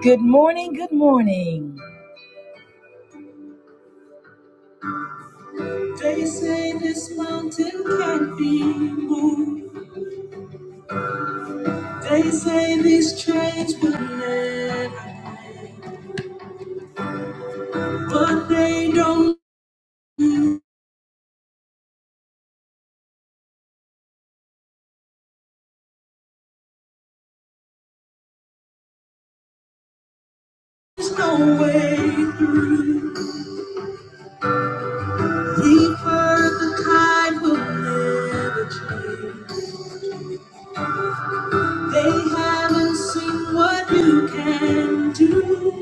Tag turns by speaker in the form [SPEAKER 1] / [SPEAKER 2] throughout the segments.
[SPEAKER 1] Good morning, good morning. They say this mountain can't be moved. They say these chains will never, but they don't. There's no way through. We've heard the kind will never change. They haven't seen what you can do.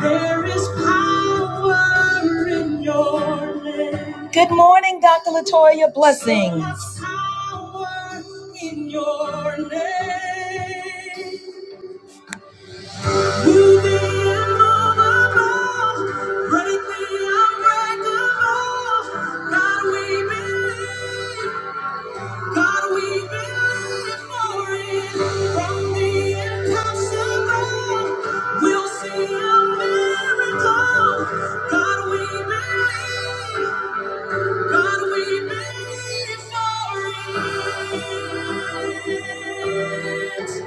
[SPEAKER 1] There is power in your name. Good morning, Dr. Latoya. Blessings. So power in your name. Move the immovable, break the unbreakable. God, we believe. God, we believe for it. From the impossible, we'll see a miracle. God, we believe. God, we believe for it.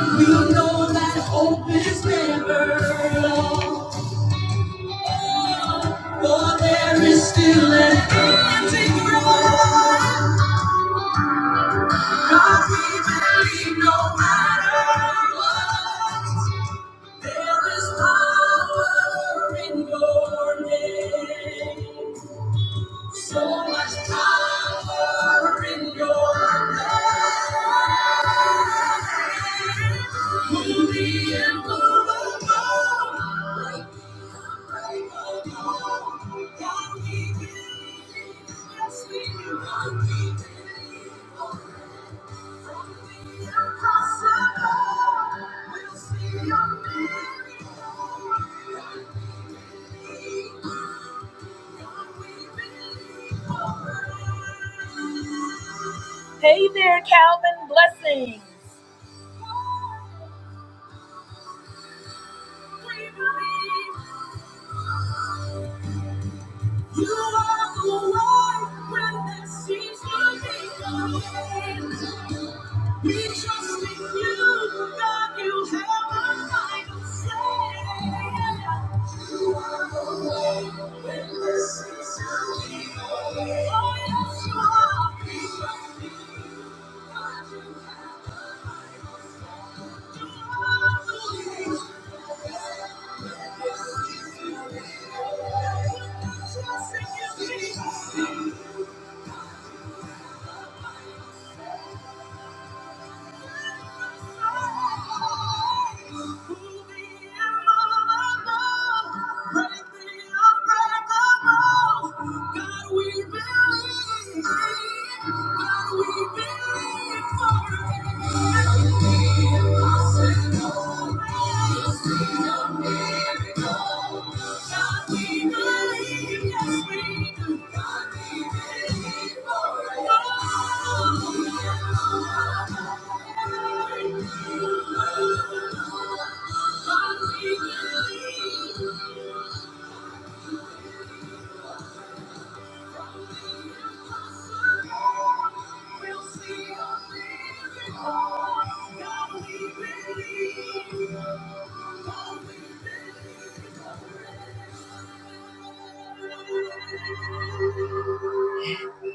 [SPEAKER 1] We know that hope is never lost, for there is still an empty grave. God we believe no matter what. There is power in your name. So much power in your name. Move the glorified. Break the mold. God we believe. Yes, we do. God we believe. Hey there, Calvin. Blessing. You are the one when it seems to be the way. We trust in you, God, you have a final say. You are the way when this is over. Oh, yes, you are. We trust in God, you have a final say. We Trust in you, Jesus. Thank you. We'll see you. God, we believe.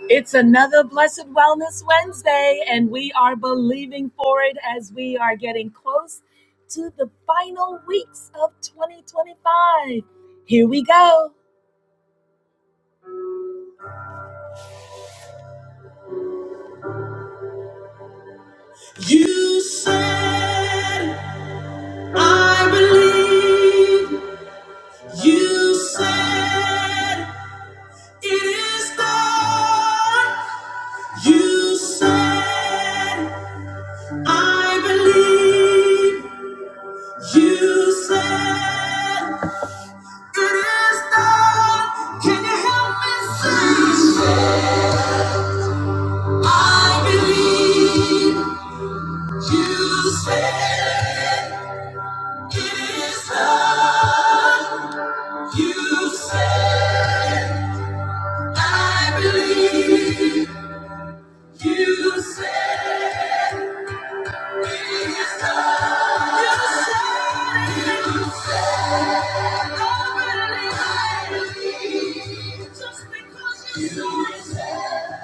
[SPEAKER 1] It's another Blessed Wellness Wednesday, and we are believing for it as we are getting close to the final weeks of 2025. Here we go. You said, I believe. You said, it is done. You said, I believe. You said, It is done. Can you help me sing? I believe you said it is done. You said, I believe you said it is done. You said, you said, I believe. I believe. Just because you said.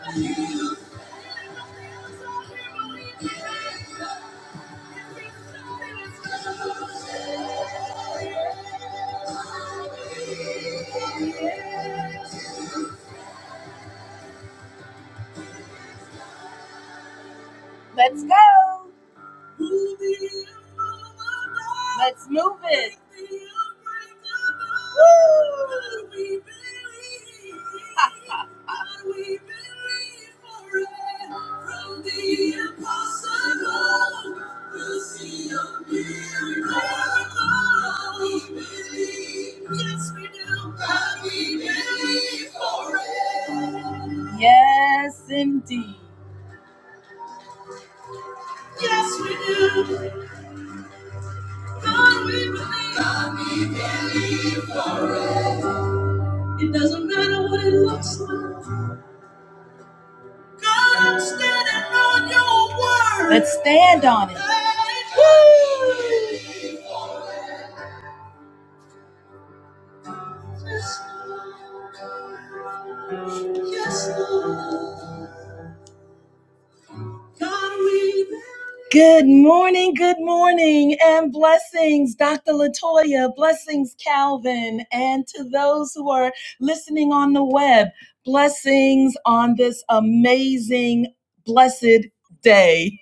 [SPEAKER 1] I you. Let's go. Let's move it. Woo! Yes, indeed. Yes, we do. God, we believe. God, we believe. It doesn't matter what it looks like. God, I'm standing on your word. Let's stand on it. Woo! Yes, Lord. Yes, Lord. Good morning, good morning, and blessings, Dr. Latoya, blessings, Calvin, and to those who are listening on the web, blessings on this amazing, blessed day.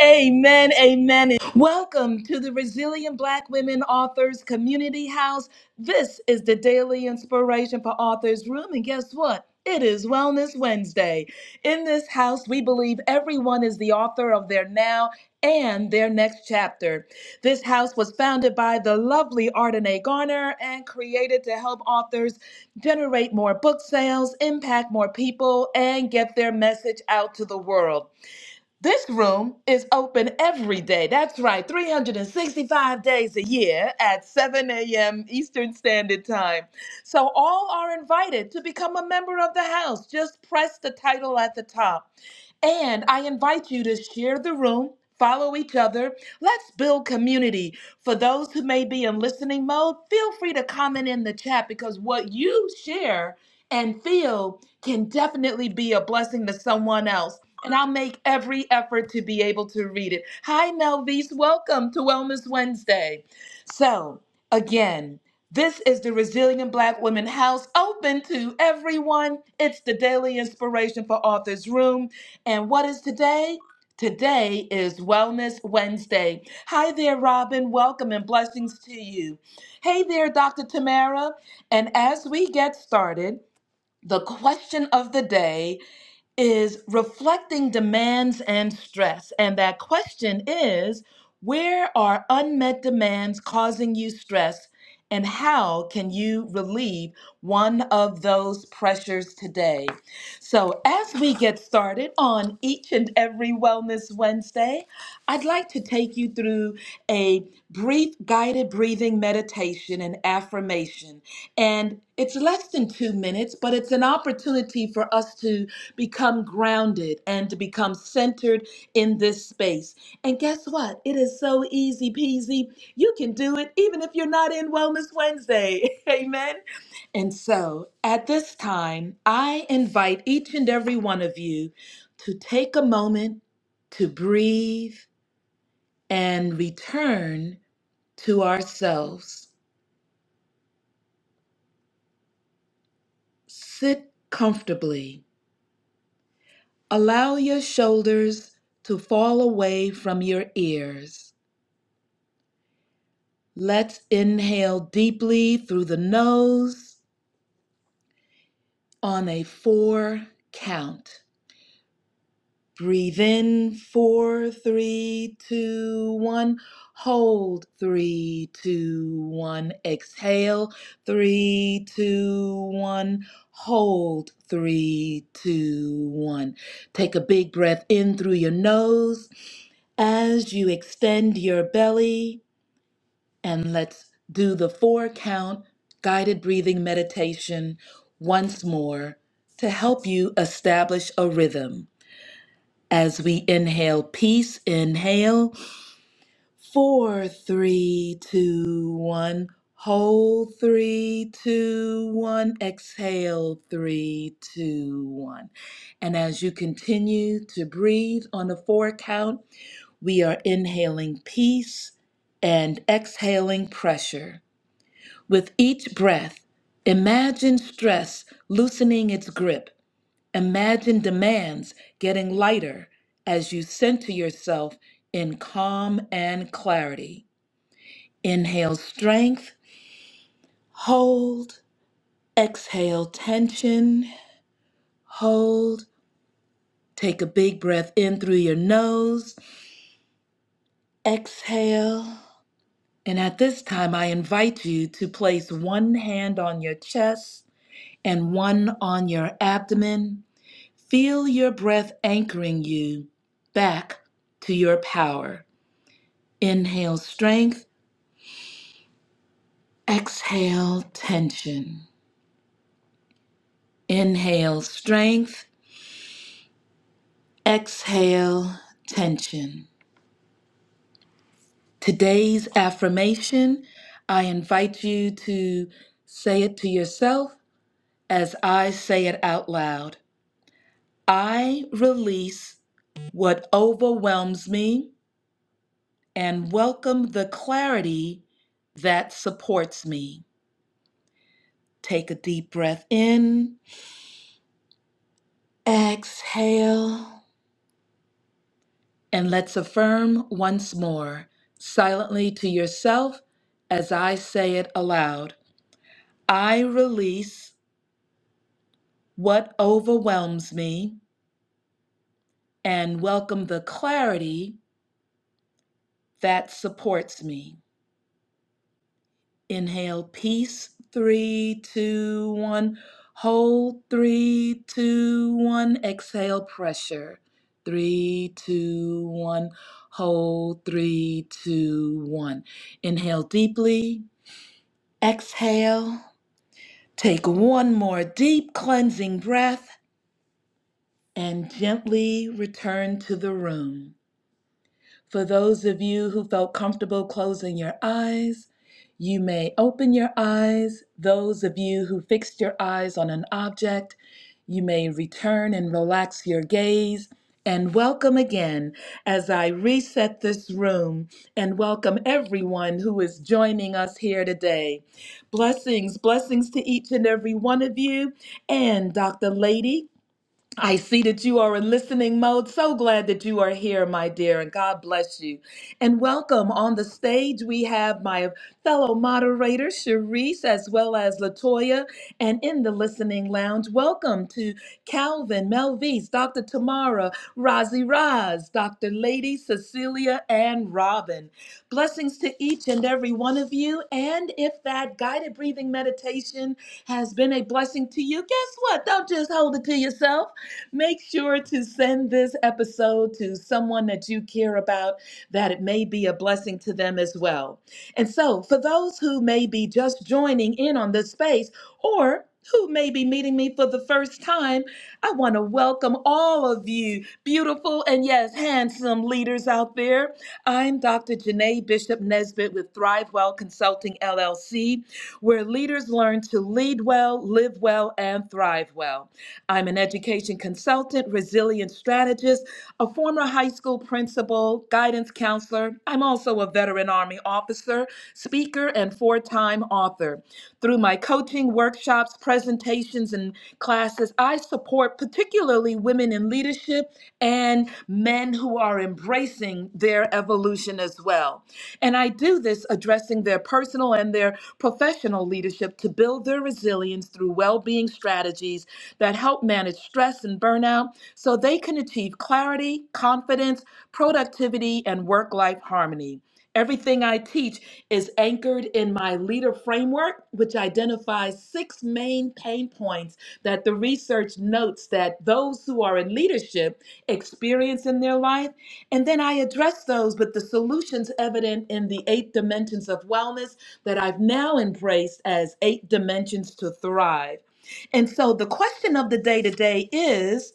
[SPEAKER 1] Amen. Amen. Welcome to the Resilient Black Women Authors Community House. This is the daily inspiration for Authors Room. And guess what? It is Wellness Wednesday. In this house, we believe everyone is the author of their now and their next chapter. This house was founded by the lovely Ardenae Garner and created to help authors generate more book sales, impact more people, and get their message out to the world. This room is open every day. That's right, 365 days a year at 7 a.m. Eastern Standard Time. So all are invited to become a member of the house. Just press the title at the top. And I invite you to share the room, follow each other. Let's build community. For those who may be in listening mode, feel free to comment in the chat because what you share and feel can definitely be a blessing to someone else and I'll make every effort to be able to read it. Hi, Melvise. Welcome to Wellness Wednesday. So, again, this is the Resilient Black Women House open to everyone. It's the daily inspiration for Authors Room. And what is today? Today is Wellness Wednesday. Hi there, Robin. Welcome and blessings to you. Hey there, Dr. Tamara. And as we get started, the question of the day is reflecting demands and stress. And that question is where are unmet demands causing you stress? And how can you relieve one of those pressures today? So, as we get started on each and every Wellness Wednesday, I'd like to take you through a brief guided breathing meditation and affirmation. And it's less than two minutes, but it's an opportunity for us to become grounded and to become centered in this space. And guess what? It is so easy peasy. You can do it even if you're not in Wellness Wednesday. Amen. And so at this time, I invite each and every one of you to take a moment to breathe and return to ourselves. Sit comfortably. Allow your shoulders to fall away from your ears. Let's inhale deeply through the nose on a four count. Breathe in four, three, two, one. Hold three, two, one. Exhale three, two, one. Hold three, two, one. Take a big breath in through your nose as you extend your belly. And let's do the four count guided breathing meditation once more to help you establish a rhythm. As we inhale peace, inhale four, three, two, one. Hold three, two, one. Exhale three, two, one. And as you continue to breathe on the four count, we are inhaling peace and exhaling pressure. With each breath, imagine stress loosening its grip Imagine demands getting lighter as you center yourself in calm and clarity. Inhale strength, hold, exhale tension, hold. Take a big breath in through your nose, exhale. And at this time, I invite you to place one hand on your chest and one on your abdomen. Feel your breath anchoring you back to your power. Inhale strength, exhale tension. Inhale strength, exhale tension. Today's affirmation, I invite you to say it to yourself as I say it out loud. I release what overwhelms me and welcome the clarity that supports me. Take a deep breath in, exhale. And let's affirm once more, silently to yourself, as I say it aloud I release what overwhelms me and welcome the clarity that supports me. Inhale, peace, three, two, one. Hold, three, two, one. Exhale, pressure, three, two, one. Hold, three, two, one. Inhale deeply. Exhale. Take one more deep cleansing breath and gently return to the room. For those of you who felt comfortable closing your eyes, you may open your eyes. Those of you who fixed your eyes on an object, you may return and relax your gaze. And welcome again as I reset this room and welcome everyone who is joining us here today. Blessings, blessings to each and every one of you. And Dr. Lady, I see that you are in listening mode. So glad that you are here, my dear, and God bless you. And welcome on the stage. We have my fellow moderator, Sharice, as well as Latoya, and in the listening lounge, welcome to Calvin, Melvise, Dr. Tamara, Razi Raz, Dr. Lady, Cecilia, and Robin. Blessings to each and every one of you. And if that guided breathing meditation has been a blessing to you, guess what? Don't just hold it to yourself Make sure to send this episode to someone that you care about, that it may be a blessing to them as well. And so, for those who may be just joining in on this space or who may be meeting me for the first time, I want to welcome all of you, beautiful and yes, handsome leaders out there. I'm Dr. Janae Bishop Nesbitt with Thrive Well Consulting LLC, where leaders learn to lead well, live well, and thrive well. I'm an education consultant, resilience strategist, a former high school principal, guidance counselor. I'm also a veteran Army officer, speaker, and four time author. Through my coaching, workshops, presentations, and classes, I support particularly women in leadership and men who are embracing embracing their evolution as well. And I do this addressing their personal and their professional leadership to build their resilience through well being strategies that help manage stress and burnout so they can achieve clarity, confidence, productivity, and work life harmony. Everything I teach is anchored in my leader framework, which identifies six main pain points that the research notes that those who are in leadership experience in their life and then I address those with the solutions evident in the eight dimensions of wellness that I've now embraced as eight dimensions to thrive. And so the question of the day today is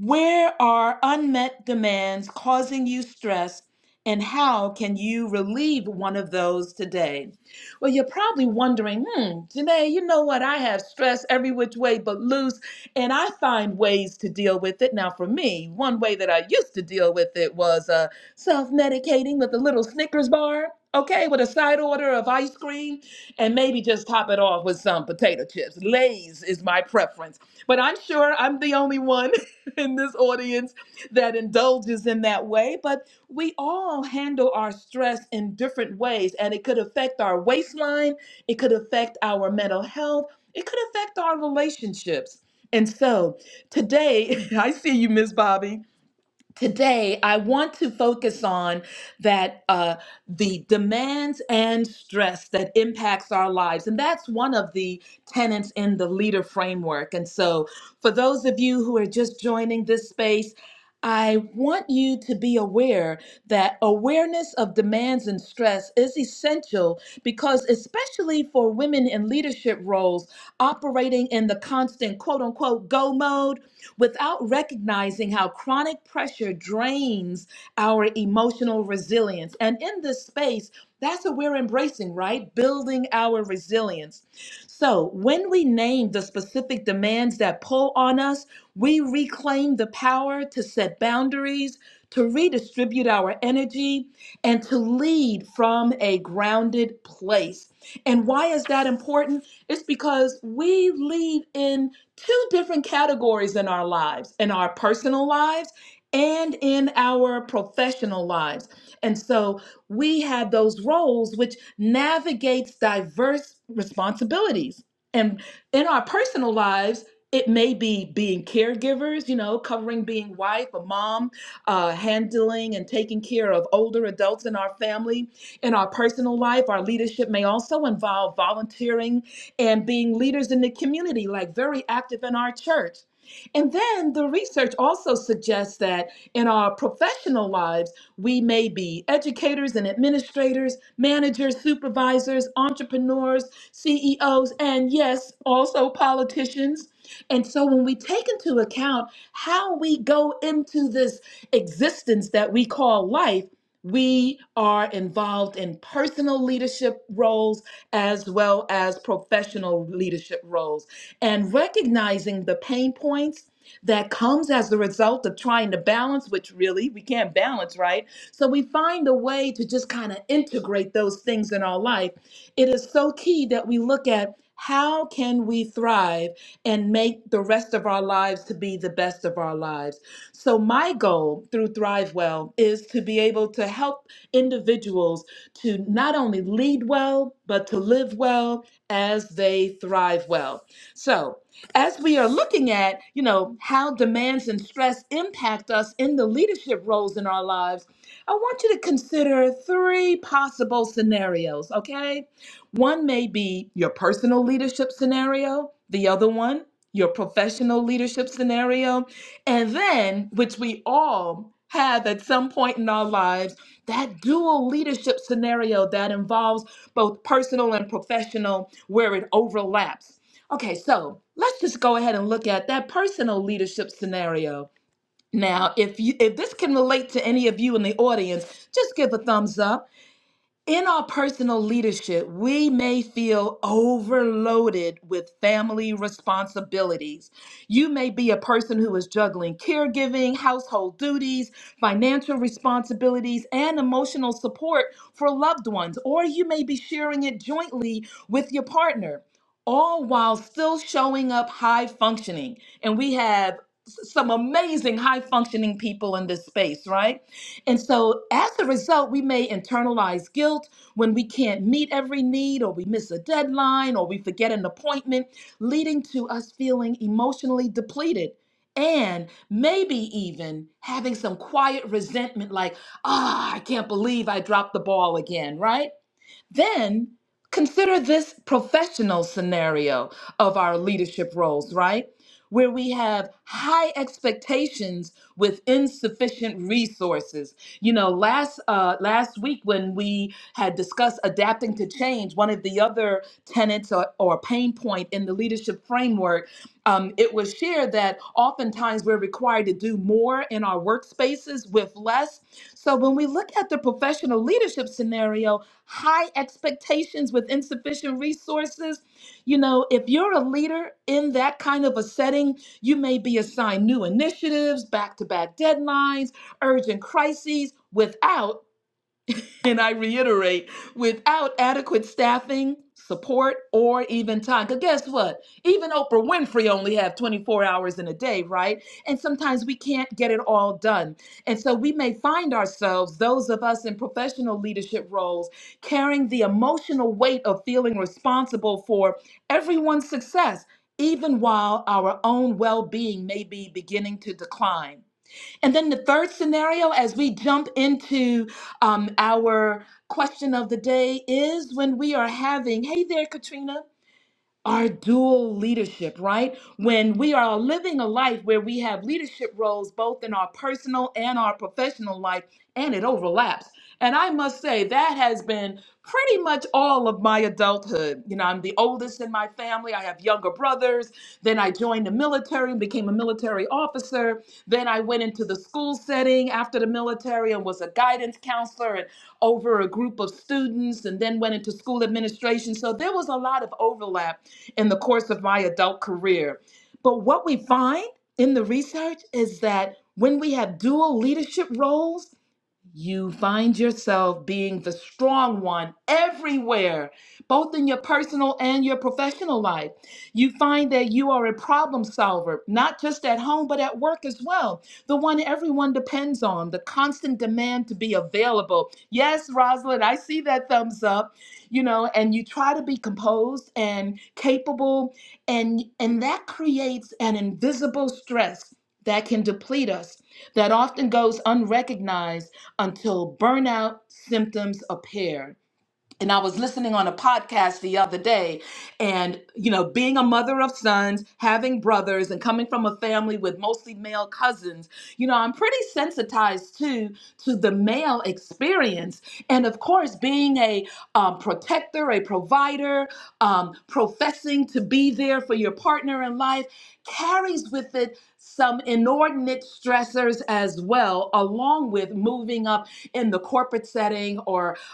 [SPEAKER 1] where are unmet demands causing you stress, and how can you relieve one of those today? Well, you're probably wondering, hmm, Janae, you know what? I have stress every which way but loose, and I find ways to deal with it. Now, for me, one way that I used to deal with it was uh, self medicating with a little Snickers bar. Okay, with a side order of ice cream and maybe just top it off with some potato chips. Lay's is my preference, but I'm sure I'm the only one. in this audience that indulges in that way, but we all handle our stress in different ways, and it could affect our waistline, it could affect our mental health, it could affect our relationships. And so today, I see you, Miss Bobby today i want to focus on that uh, the demands and stress that impacts our lives and that's one of the tenets in the leader framework and so for those of you who are just joining this space I want you to be aware that awareness of demands and stress is essential because, especially for women in leadership roles operating in the constant quote unquote go mode, without recognizing how chronic pressure drains our emotional resilience. And in this space, that's what we're embracing, right? Building our resilience. So, when we name the specific demands that pull on us, we reclaim the power to set boundaries, to redistribute our energy, and to lead from a grounded place. And why is that important? It's because we lead in two different categories in our lives, in our personal lives and in our professional lives. And so we have those roles which navigates diverse responsibilities. And in our personal lives, it may be being caregivers, you know, covering being wife or mom, uh, handling and taking care of older adults in our family. In our personal life, our leadership may also involve volunteering and being leaders in the community, like very active in our church. And then the research also suggests that in our professional lives, we may be educators and administrators, managers, supervisors, entrepreneurs, CEOs, and yes, also politicians. And so when we take into account how we go into this existence that we call life, we are involved in personal leadership roles as well as professional leadership roles and recognizing the pain points that comes as a result of trying to balance which really we can't balance right so we find a way to just kind of integrate those things in our life it is so key that we look at how can we thrive and make the rest of our lives to be the best of our lives so, my goal through ThriveWell is to be able to help individuals to not only lead well, but to live well as they thrive well. So, as we are looking at, you know, how demands and stress impact us in the leadership roles in our lives, I want you to consider three possible scenarios, okay? One may be your personal leadership scenario, the other one, your professional leadership scenario, and then, which we all have at some point in our lives, that dual leadership scenario that involves both personal and professional, where it overlaps. Okay, so let's just go ahead and look at that personal leadership scenario. Now, if you if this can relate to any of you in the audience, just give a thumbs up. In our personal leadership, we may feel overloaded with family responsibilities. You may be a person who is juggling caregiving, household duties, financial responsibilities, and emotional support for loved ones, or you may be sharing it jointly with your partner, all while still showing up high functioning. And we have s- some amazing high functioning people in this space, right? And so, as a result, we may internalize guilt when we can't meet every need, or we miss a deadline, or we forget an appointment, leading to us feeling emotionally depleted. And maybe even having some quiet resentment like, ah, I can't believe I dropped the ball again, right? Then consider this professional scenario of our leadership roles, right? Where we have high expectations with insufficient resources. You know, last uh, last week when we had discussed adapting to change, one of the other tenets or, or pain point in the leadership framework, um, it was shared that oftentimes we're required to do more in our workspaces with less. So when we look at the professional leadership scenario, high expectations with insufficient resources. You know, if you're a leader in that kind of a setting, you may be assigned new initiatives, back to back deadlines, urgent crises without and I reiterate, without adequate staffing, support, or even time. Because guess what? Even Oprah Winfrey only have 24 hours in a day, right? And sometimes we can't get it all done. And so we may find ourselves, those of us in professional leadership roles, carrying the emotional weight of feeling responsible for everyone's success, even while our own well-being may be beginning to decline. And then the third scenario, as we jump into um, our question of the day, is when we are having, hey there, Katrina our dual leadership, right? When we are living a life where we have leadership roles both in our personal and our professional life, and it overlaps. And I must say, that has been pretty much all of my adulthood. You know, I'm the oldest in my family. I have younger brothers. Then I joined the military and became a military officer. Then I went into the school setting after the military and was a guidance counselor and over a group of students, and then went into school administration. So there was a lot of overlap in the course of my adult career. But what we find in the research is that when we have dual leadership roles, you find yourself being the strong one everywhere, both in your personal and your professional life. You find that you are a problem solver, not just at home, but at work as well. The one everyone depends on, the constant demand to be available. Yes, Rosalind, I see that thumbs up, you know, and you try to be composed and capable, and, and that creates an invisible stress that can deplete us, that often goes unrecognized until burnout symptoms appear and I was listening on a podcast the other day, and you know, being a mother of sons, having brothers, and coming from a family with mostly male cousins, you know, I'm pretty sensitized to to the male experience, and of course, being a um, protector, a provider, um, professing to be there for your partner in life carries with it some inordinate stressors as well, along with moving up in the corporate setting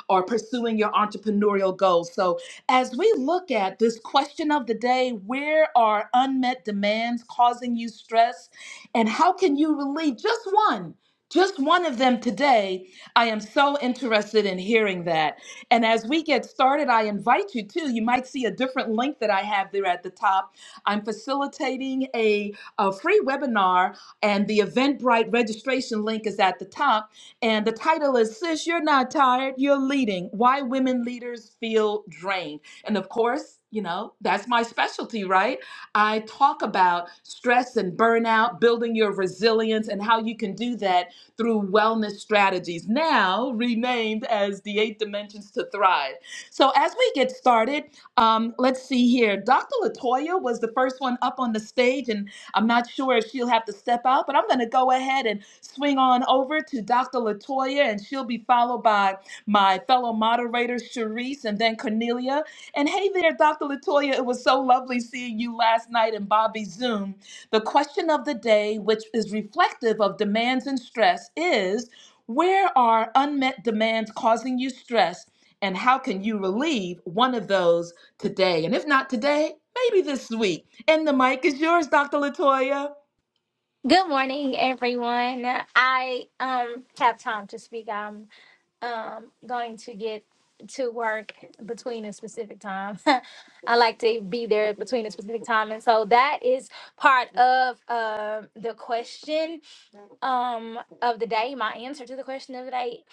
[SPEAKER 1] or pursuing your entrepreneurial goals. So, as we look at this question of the day, where are unmet demands causing you stress? And how can you relieve just one? Just one of them today. I am so interested in hearing that. And as we get started, I invite you to, you might see a different link that I have there at the top. I'm facilitating a, a free webinar, and the Eventbrite registration link is at the top and the title is Sis, You're Not Tired, You're Leading Why Women Leaders Feel Drained. And of course, you know, that's my specialty, right? I talk about stress and burnout, building your resilience, and how you can do that through wellness strategies, now renamed as the Eight Dimensions to Thrive. So, as we get started, um, let's see here. Dr. Latoya was the first one up on the stage, and I'm not sure if she'll have to step out, but I'm going to go ahead and swing on over to Dr. Latoya, and she'll be followed by my fellow moderator, Sharice, and then Cornelia. And hey there, Dr. Latoya, it was so lovely seeing you last night in Bobby's Zoom. The question of the day, which is reflective of demands and stress, is where are unmet demands causing you stress? And how can you relieve one of those today. And if not today, maybe this week. And the mic is yours, Dr. Latoya.
[SPEAKER 2] Good morning, everyone. I um have time to speak. I'm um going to get to work between a specific time. I like to be there between a specific time, and so that is part of um the question um of the day, my answer to the question of the day.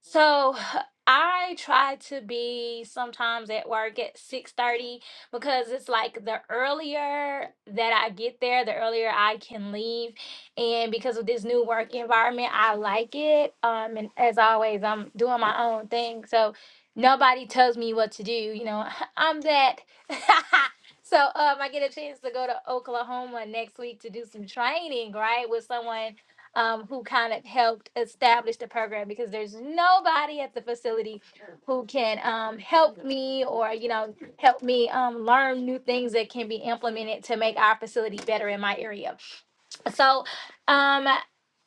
[SPEAKER 2] So I try to be sometimes at work at 6:30 because it's like the earlier that I get there, the earlier I can leave. And because of this new work environment, I like it. Um and as always, I'm doing my own thing. So nobody tells me what to do, you know. I'm that. So um I get a chance to go to Oklahoma next week to do some training, right? With someone um, who kind of helped establish the program because there's nobody at the facility who can um, help me or you know help me um, learn new things that can be implemented to make our facility better in my area so um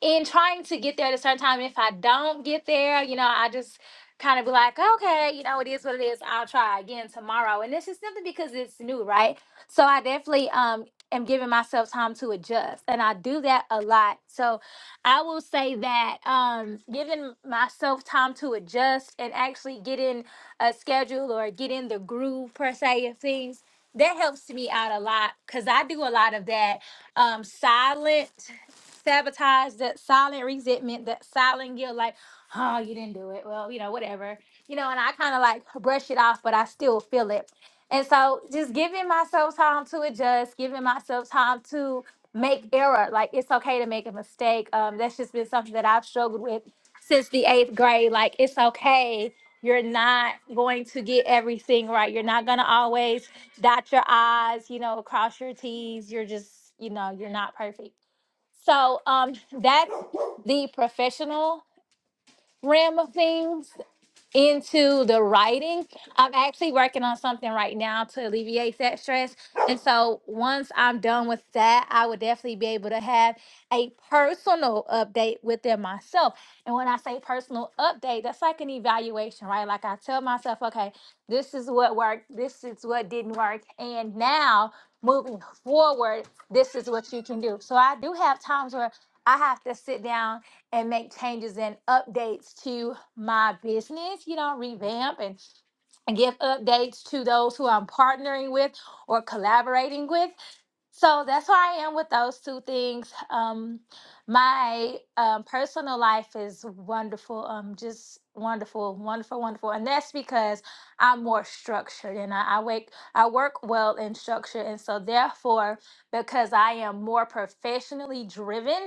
[SPEAKER 2] in trying to get there at a certain time if i don't get there you know i just kind of be like okay you know it is what it is i'll try again tomorrow and this is simply because it's new right so i definitely um am giving myself time to adjust and i do that a lot so i will say that um giving myself time to adjust and actually get in a schedule or get in the groove per se of things that helps me out a lot because i do a lot of that um silent sabotage that silent resentment that silent guilt like oh you didn't do it well you know whatever you know and i kind of like brush it off but i still feel it and so just giving myself time to adjust giving myself time to make error like it's okay to make a mistake um that's just been something that i've struggled with since the eighth grade like it's okay you're not going to get everything right you're not going to always dot your I's, you know, cross your T's. You're just, you know, you're not perfect. So um that's the professional realm of things into the writing. I'm actually working on something right now to alleviate that stress. And so once I'm done with that, I would definitely be able to have a personal update within myself. And when I say personal update, that's like an evaluation, right? Like I tell myself, okay, this is what worked, this is what didn't work. And now moving forward, this is what you can do. So I do have times where I have to sit down and make changes and updates to my business, you know, revamp and, and give updates to those who I'm partnering with or collaborating with. So that's where I am with those two things. Um, my um, personal life is wonderful, um, just wonderful, wonderful, wonderful, and that's because I'm more structured and I, I wake, I work well in structure, and so therefore, because I am more professionally driven,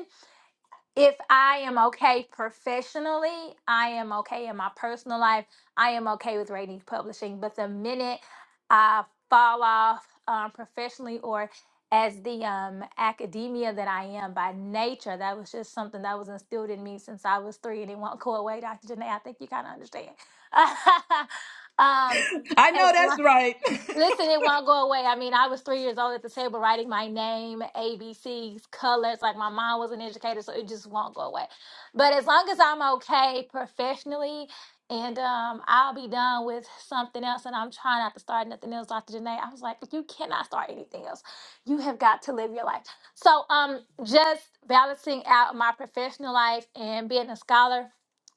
[SPEAKER 2] if I am okay professionally, I am okay in my personal life. I am okay with rating publishing. But the minute I fall off um, professionally or as the um, academia that I am by nature, that was just something that was instilled in me since I was three, and it won't go away, Dr. Janae. I think you kind of understand. um,
[SPEAKER 1] I know
[SPEAKER 2] as, lo-
[SPEAKER 1] that's right.
[SPEAKER 2] Listen, it won't go away. I mean, I was three years old at the table writing my name, A B C's, colors. Like my mom was an educator, so it just won't go away. But as long as I'm okay professionally, and um, I'll be done with something else, and I'm trying not to start nothing else, Dr. Janae. I was like, you cannot start anything else. You have got to live your life. So, um, just balancing out my professional life and being a scholar,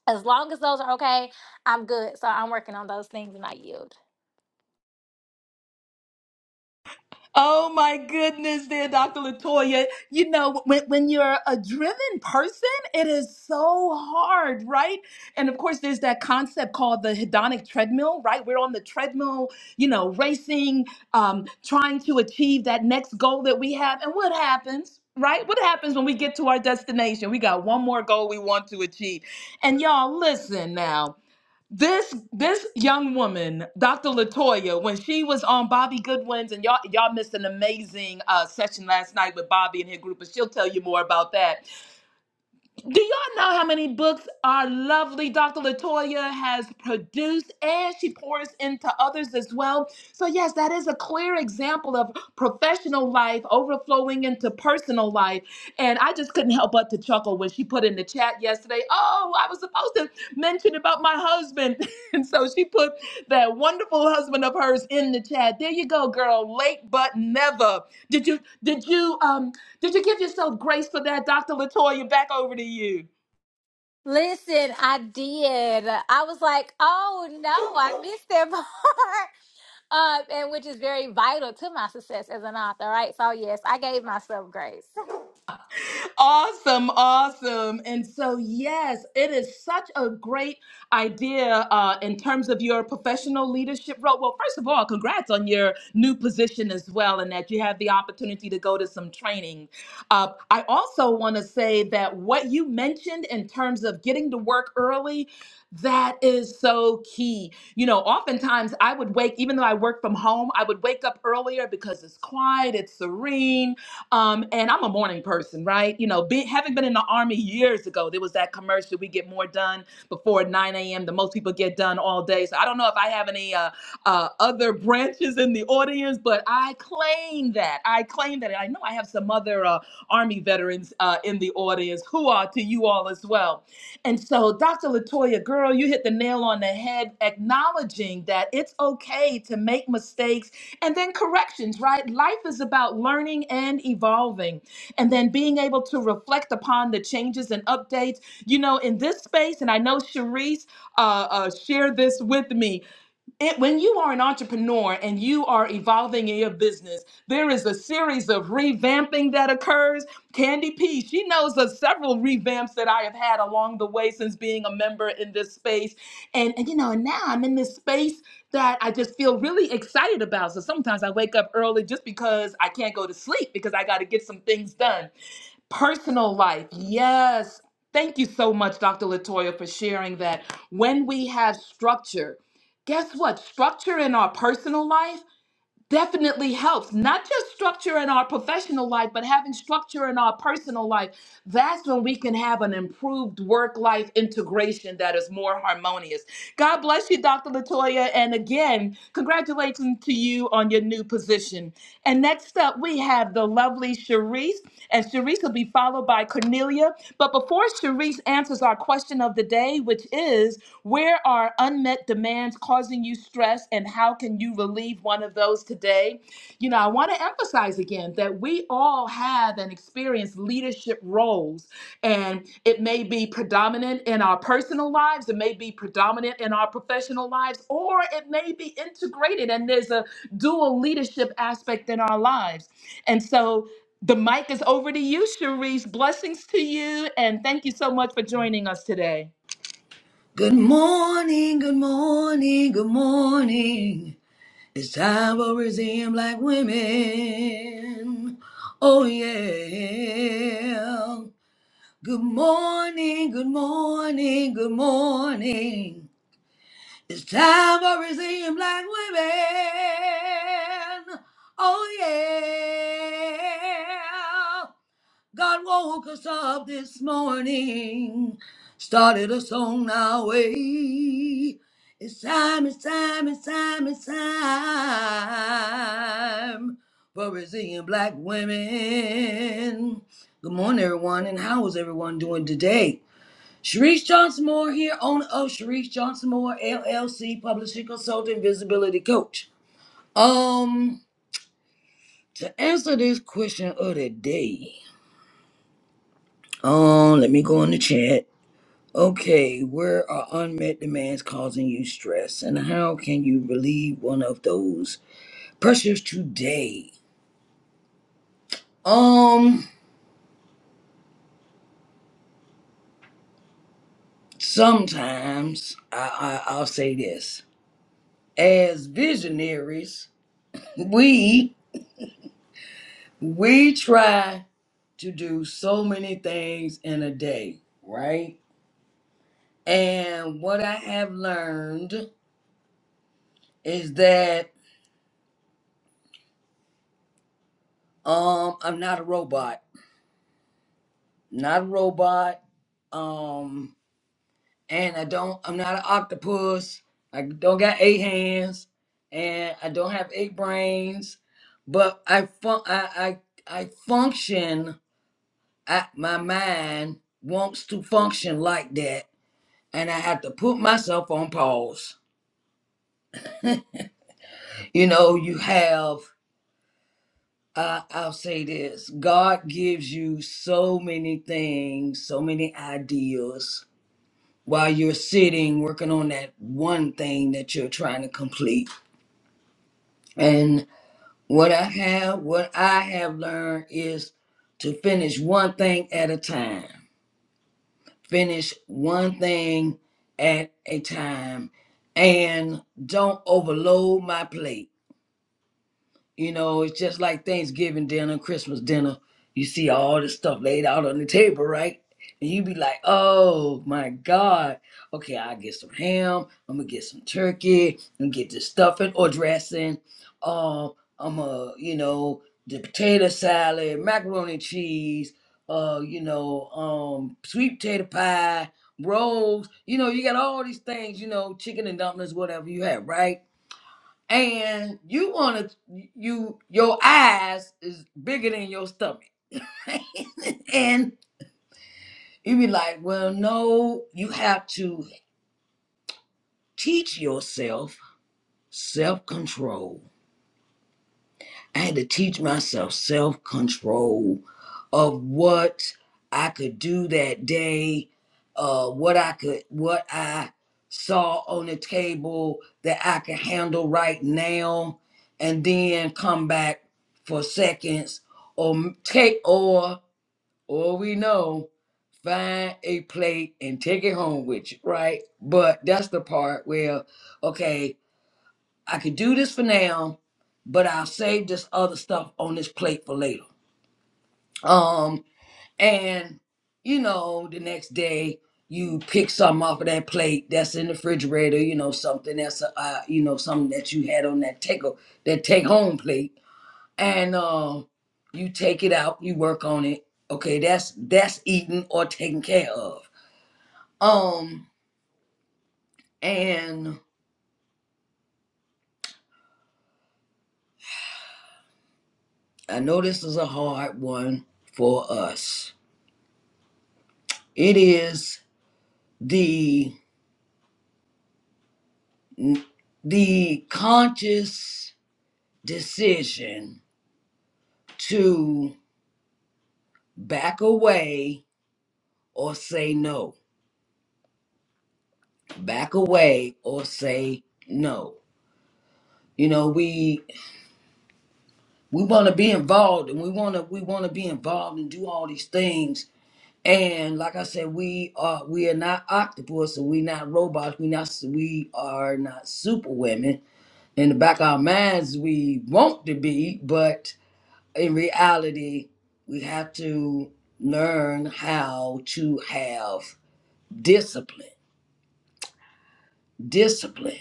[SPEAKER 2] as long as those are okay, I'm good. So I'm working on those things, and I yield.
[SPEAKER 1] Oh my goodness, dear Dr. Latoya. You know, when, when you're a driven person, it is so hard, right? And of course, there's that concept called the hedonic treadmill, right? We're on the treadmill, you know, racing, um, trying to achieve that next goal that we have. And what happens? Right? What happens when we get to our destination? We got one more goal we want to achieve. And y'all, listen now this this young woman, Dr. Latoya, when she was on Bobby Goodwin's, and y'all y'all missed an amazing uh, session last night with Bobby and her group, and she'll tell you more about that. Do y'all know how many books our lovely Dr. Latoya has produced and she pours into others as well? So, yes, that is a clear example of professional life overflowing into personal life. And I just couldn't help but to chuckle when she put in the chat yesterday, Oh, I was supposed to mention about my husband. And so she put that wonderful husband of hers in the chat. There you go, girl. Late but never. Did you did you um did you give yourself grace for that, Dr. Latoya? Back over to you.
[SPEAKER 2] Listen, I did. I was like, oh no, I missed that part. Uh, and which is very vital to my success as an author, right? So yes, I gave myself grace.
[SPEAKER 1] awesome, awesome. And so, yes, it is such a great idea uh, in terms of your professional leadership role. Well, first of all, congrats on your new position as well, and that you have the opportunity to go to some training. Uh, I also want to say that what you mentioned in terms of getting to work early, that is so key. You know, oftentimes I would wake, even though I work from home, I would wake up earlier because it's quiet, it's serene um, and I'm a morning person, right? You know, be, having been in the army years ago, there was that commercial we get more done before 9 a.m. The most people get done all day. So I don't know if I have any uh, uh, other branches in the audience, but I claim that. I claim that. And I know I have some other uh, Army veterans uh, in the audience who are to you all as well. And so, Dr. Latoya, girl, you hit the nail on the head, acknowledging that it's okay to make mistakes and then corrections, right? Life is about learning and evolving and then being able to reflect upon the changes and updates. You know, in this space, and I know Cherise uh, uh, shared this with me, it, when you are an entrepreneur and you are evolving in your business, there is a series of revamping that occurs. Candy P, she knows of several revamps that I have had along the way since being a member in this space. And, and you know, and now I'm in this space that I just feel really excited about. So sometimes I wake up early just because I can't go to sleep because I got to get some things done. Personal life. Yes. Thank you so much, Dr. Latoya, for sharing that. When we have structure, guess what? Structure in our personal life definitely helps not just structure in our professional life but having structure in our personal life that's when we can have an improved work life integration that is more harmonious god bless you dr latoya and again congratulations to you on your new position and next up we have the lovely Sharice, and Sharice will be followed by cornelia but before Sharice answers our question of the day which is where are unmet demands causing you stress, and how can you relieve one of those today? You know, I want to emphasize again that we all have and experience leadership roles, and it may be predominant in our personal lives, it may be predominant in our professional lives, or it may be integrated, and there's a dual leadership aspect in our lives. And so, the mic is over to you, Sharice. Blessings to you, and thank you so much for joining us today.
[SPEAKER 3] Good morning, good morning, good morning. It's time for resume, black women. Oh, yeah. Good morning, good morning, good morning. It's time for resume, black women. Oh, yeah. God woke us up this morning, started us on our way. It's time, it's time, it's time, it's time for resilient black women. Good morning, everyone, and how is everyone doing today? Sharice Johnson Moore here, owner of Sharice Johnson Moore LLC, publishing consultant, visibility coach. Um, to answer this question of the day, um, let me go in the chat. Okay, where are unmet demands causing you stress and how can you relieve one of those pressures today? Um, sometimes I, I I'll say this. As visionaries, we we try to do so many things in a day, right? And what I have learned is that um I'm not a robot. Not a robot. Um and I don't I'm not an octopus. I don't got eight hands and I don't have eight brains, but I fun I I, I function I, my mind wants to function like that and I have to put myself on pause. You know, you have uh, I'll say this. God gives you so many things, so many ideas while you're sitting working on that one thing that you're trying to complete What I have, what I have learned is to finish one thing at a time. Finish one thing at a time and don't overload my plate. You know, it's just like Thanksgiving dinner, Christmas dinner. You see all this stuff laid out on the table, right? And you be like, oh my God. Okay, i get some ham. I'm going to get some turkey. I'm going to get this stuffing or dressing. Um, I'm going to, you know, the potato salad, macaroni and cheese, uh, you know, um, sweet potato pie, rolls. You know, you got all these things, you know, chicken and dumplings, whatever you have, right? and you want to you your eyes is bigger than your stomach and you be like well no you have to teach yourself self-control I had to teach myself self control of what I could do that day, uh, what I could, what I saw on the table that I could handle right now, and then come back for seconds or m- take or or we know find a plate and take it home with you, right? But that's the part where, okay, I could do this for now, but I'll save this other stuff on this plate for later. Um, and you know, the next day you pick something off of that plate that's in the refrigerator, you know, something that's a uh, you know, something that you had on that take that take home plate, and um, you take it out, you work on it. Okay, that's that's eaten or taken care of. Um, and I know this is a hard one for us. It is the the conscious decision to back away or say no back away or say no you know we we want to be involved and we want to we want to be involved and do all these things and like i said we are we are not octopus and we not robots we not we are not superwomen in the back of our minds we want to be but in reality, we have to learn how to have discipline, discipline,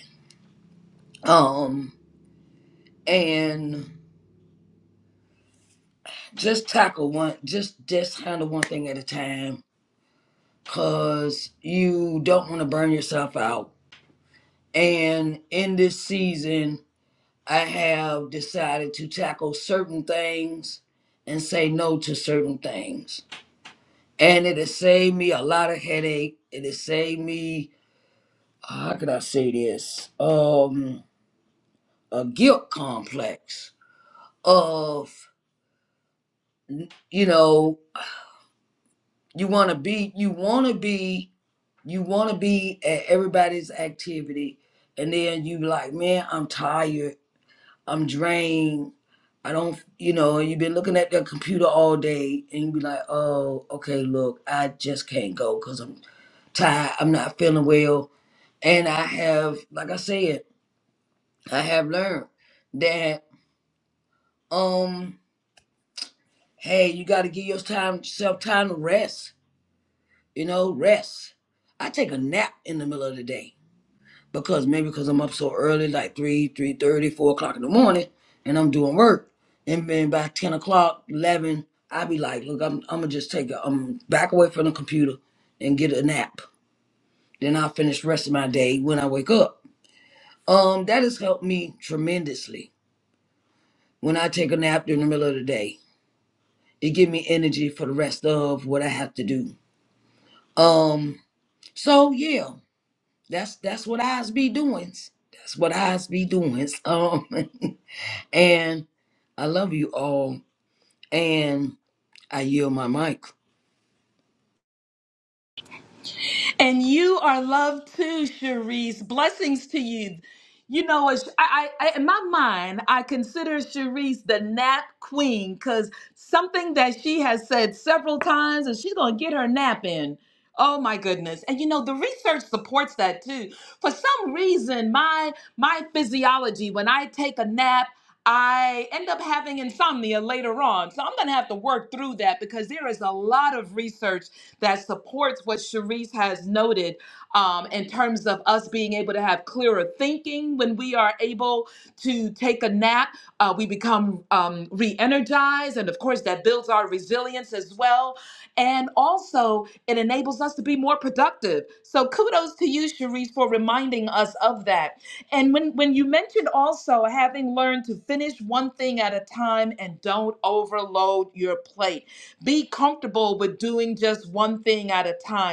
[SPEAKER 3] um, and just tackle one, just just handle one thing at a time, cause you don't want to burn yourself out. And in this season, I have decided to tackle certain things and say no to certain things. And it has saved me a lot of headache. It has saved me how could I say this? Um, a guilt complex of, you know, you want to be, you want to be, you want to be at everybody's activity, and then you be like, man, I'm tired, I'm drained, I don't, you know, and you've been looking at their computer all day, and you be like, oh, okay, look, I just can't go because I'm tired, I'm not feeling well, and I have, like I said, I have learned that. Um, Hey, you got to give your time- yourself time to rest. You know, rest. I take a nap in the middle of the day because maybe because I'm up so early, like 3, three thirty, four o'clock in the morning, and I'm doing work. And then by 10 o'clock, 11, I be like, look, I'm, I'm going to just take a um, back away from the computer and get a nap. Then I'll finish the rest of my day when I wake up. Um, That has helped me tremendously when I take a nap during the middle of the day. It give me energy for the rest of what I have to do. Um, So yeah, that's that's what I's be doing. That's what I's be doing. Um, and I love you all, and I yield my mic.
[SPEAKER 1] And you are loved too, Cherise. Blessings to you. You know, it's- I, I, I- in my mind, I consider Cherise the nap queen because something that she has said several times, and she's going to get her nap in. Oh my goodness. And you know, the research supports that too. For some reason, my my physiology, when I take a nap, I end up having insomnia later on. So I'm going to have to work through that because there is a lot of research that supports what Cherise has noted um, in terms of us being able to have clearer thinking when we are able to take a nap. Uh, we become um, re energized, and of course, that builds our resilience as well. And also, it enables us to be more productive. So, kudos to you, Cherise, for reminding us of that. And when, when you mentioned also having learned to finish one thing at a time and don't overload your plate, be comfortable with doing just one thing at a time.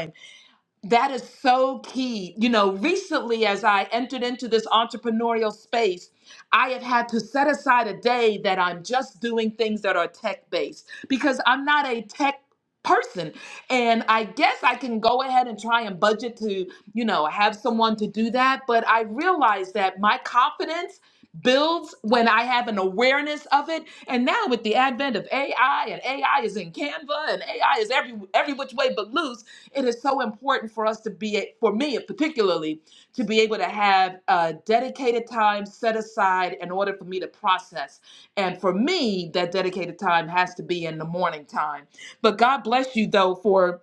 [SPEAKER 1] That is so key. You know, recently as I entered into this entrepreneurial space, I have had to set aside a day that I'm just doing things that are tech based because I'm not a tech person. And I guess I can go ahead and try and budget to, you know, have someone to do that. But I realize that my confidence builds when I have an awareness of it. And now with the advent of AI and AI is in Canva and AI is every every which way but loose it is so important for us to be, for me particularly, to be able to have a dedicated time set aside in order for me to process. And for me, that dedicated time has to be in the morning time. But God bless you though for